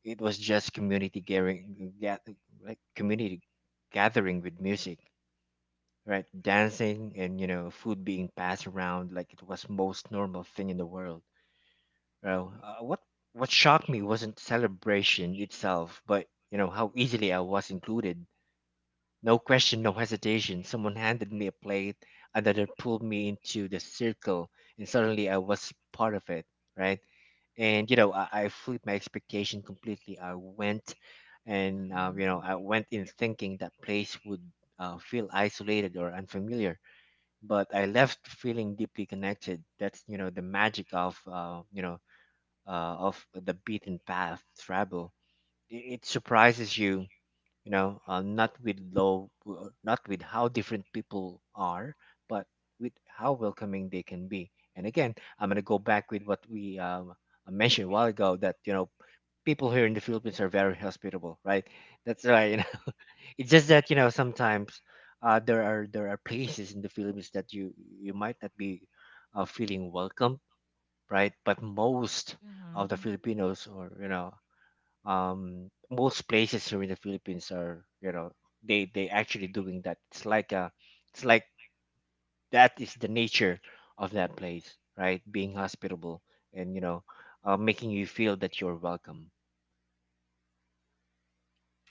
S1: It was just community gathering, gath- like community gathering with music, right? Dancing and you know food being passed around like it was most normal thing in the world. Well, uh, what what shocked me wasn't celebration itself, but you know how easily I was included. No question, no hesitation. Someone handed me a plate, another pulled me into the circle, and suddenly I was part of it, right? And you know I, I flipped my expectation completely. I went. And uh, you know, I went in thinking that place would uh, feel isolated or unfamiliar, but I left feeling deeply connected. That's you know the magic of uh, you know uh, of the beaten path travel. It, it surprises you, you know, uh, not with low, uh, not with how different people are, but with how welcoming they can be. And again, I'm gonna go back with what we um, mentioned a while ago, that you know people here in the Philippines are very hospitable, right? That's right. It's just that you know sometimes uh, there are there are places in the Philippines that you you might not be uh, feeling welcome, right? But most
S3: Mm-hmm.
S1: of the Filipinos, or you know, um, most places here in the Philippines are you know they they actually doing that. It's like a it's like that is the nature of that place, right? Being hospitable and you know uh, making you feel that you're welcome.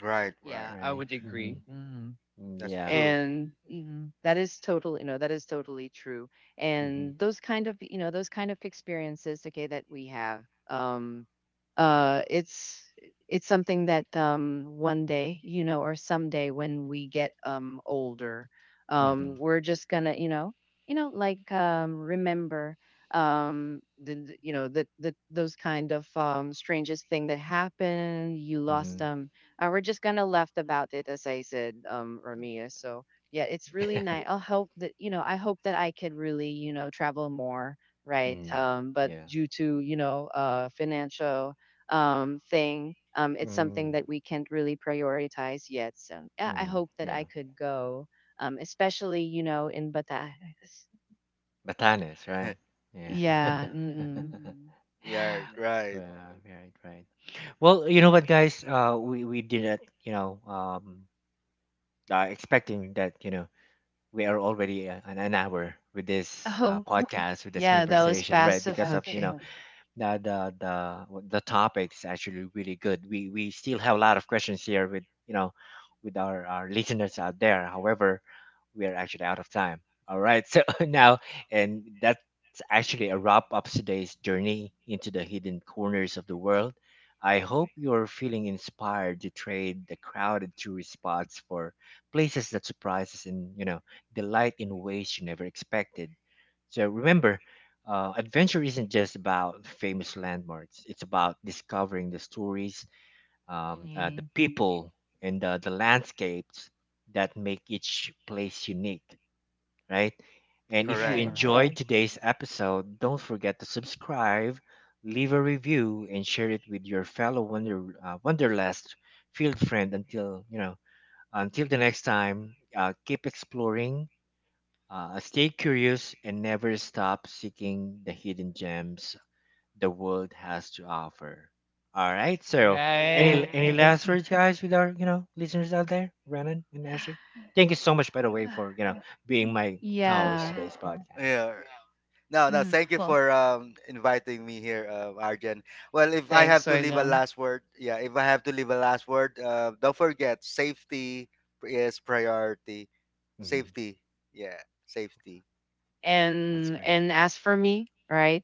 S2: right, right,
S3: Yeah,
S1: All
S3: I
S1: right.
S3: would
S1: Mm-hmm.
S3: agree. Mhm.
S2: that's
S1: Yeah.
S2: true.
S3: And mm, that is total, you know, that is totally true,
S1: Mm-hmm.
S3: and those kind of, you know, those kind of experiences, okay, that we have, um uh it's it's something that um one day, you know, or someday when we get um older,
S1: Mm-hmm.
S3: um we're just gonna, you know, you know, like um remember um the the- you know that the, those kind of um strangest thing that happened, you
S1: Mm-hmm.
S3: lost, um uh, we're just kind of laughed about it, as I said, um, Ramia. So yeah, it's really nice. I'll hope that, you know, I hope that I could really, you know, travel more, right?
S1: Mm,
S3: Um, but
S1: yeah.
S3: due to, you know, uh, financial um thing, um, it's
S1: Mm.
S3: something that we can't really prioritize yet. So yeah, I
S1: Mm.
S3: hope that I
S1: Yeah.
S3: could go, um, especially, you know, in Batangas.
S1: Batanes, right? Yeah.
S3: Yeah. Mm-mm.
S1: Mm.
S2: yeah,
S1: Yeah.
S2: right,
S1: Well, right, right. Well, you know what, guys? Uh, we we did it. You know, um, uh, expecting that you know we are already uh, an, an hour with this uh,
S3: Oh
S1: podcast, with this Yeah,
S3: yeah, that was
S1: conversation, right? was
S3: passive.
S1: Because fast of fast, you
S3: Okay.
S1: that's know enough. the the the w- the topic's actually really good. We we still have a lot of questions here with you know with our our listeners out there. However, we are actually out of time. All right. So now, and that's actually a wrap up today's journey into the hidden corners of the world. I hope you're feeling inspired to trade the crowded tourist spots for places that surprise us and, you know, delight in ways you never expected. So remember, uh, adventure isn't just about famous landmarks. It's about discovering the stories, um, uh, the
S3: Mhm.
S1: people and the, the landscapes that make each place unique, right? And if you
S2: correct.
S3: Right.
S1: enjoyed Right. today's episode, don't forget to subscribe, leave a review, and share it with your fellow wonder uh, wanderlust field friend. Until you know, until the next time, uh, keep exploring, uh, stay curious, and never stop seeking the hidden gems the world has to offer. All right. So, any
S3: Right.
S1: any last words, guys, with our you know listeners out there, Renan and Ashley? Thank you so much, by the way, for you know being
S3: Mm.
S1: my co-host
S3: Yeah.
S1: today's podcast.
S2: Yeah, no, no,
S3: Mhm.
S2: thank you
S3: Well,
S2: for um, inviting me here, uh, Arjen. Well, if I
S3: thanks,
S2: have to leave a
S3: Sojung.
S2: last word, yeah, if I have to leave a last word, uh, don't forget, safety is priority.
S1: Mhm.
S2: Safety, yeah, safety.
S1: That's
S3: and
S1: great.
S3: and as for me, right,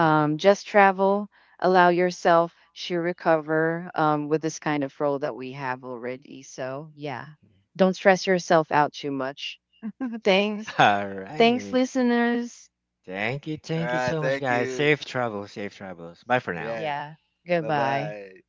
S1: Mhm.
S3: just travel, allow yourself to recover um with this kind of role that we have already, so yeah, don't stress yourself out too much. Thanks.
S1: All
S3: Thanks
S1: right.
S3: listeners.
S1: Thank you.
S2: All
S1: Thank you
S2: right,
S1: so much,
S2: thank
S1: guys.
S2: you.
S1: Safe travels. Safe travels. Bye for now.
S2: Yeah.
S3: Yeah.
S2: Bye
S3: Goodbye.
S2: bye.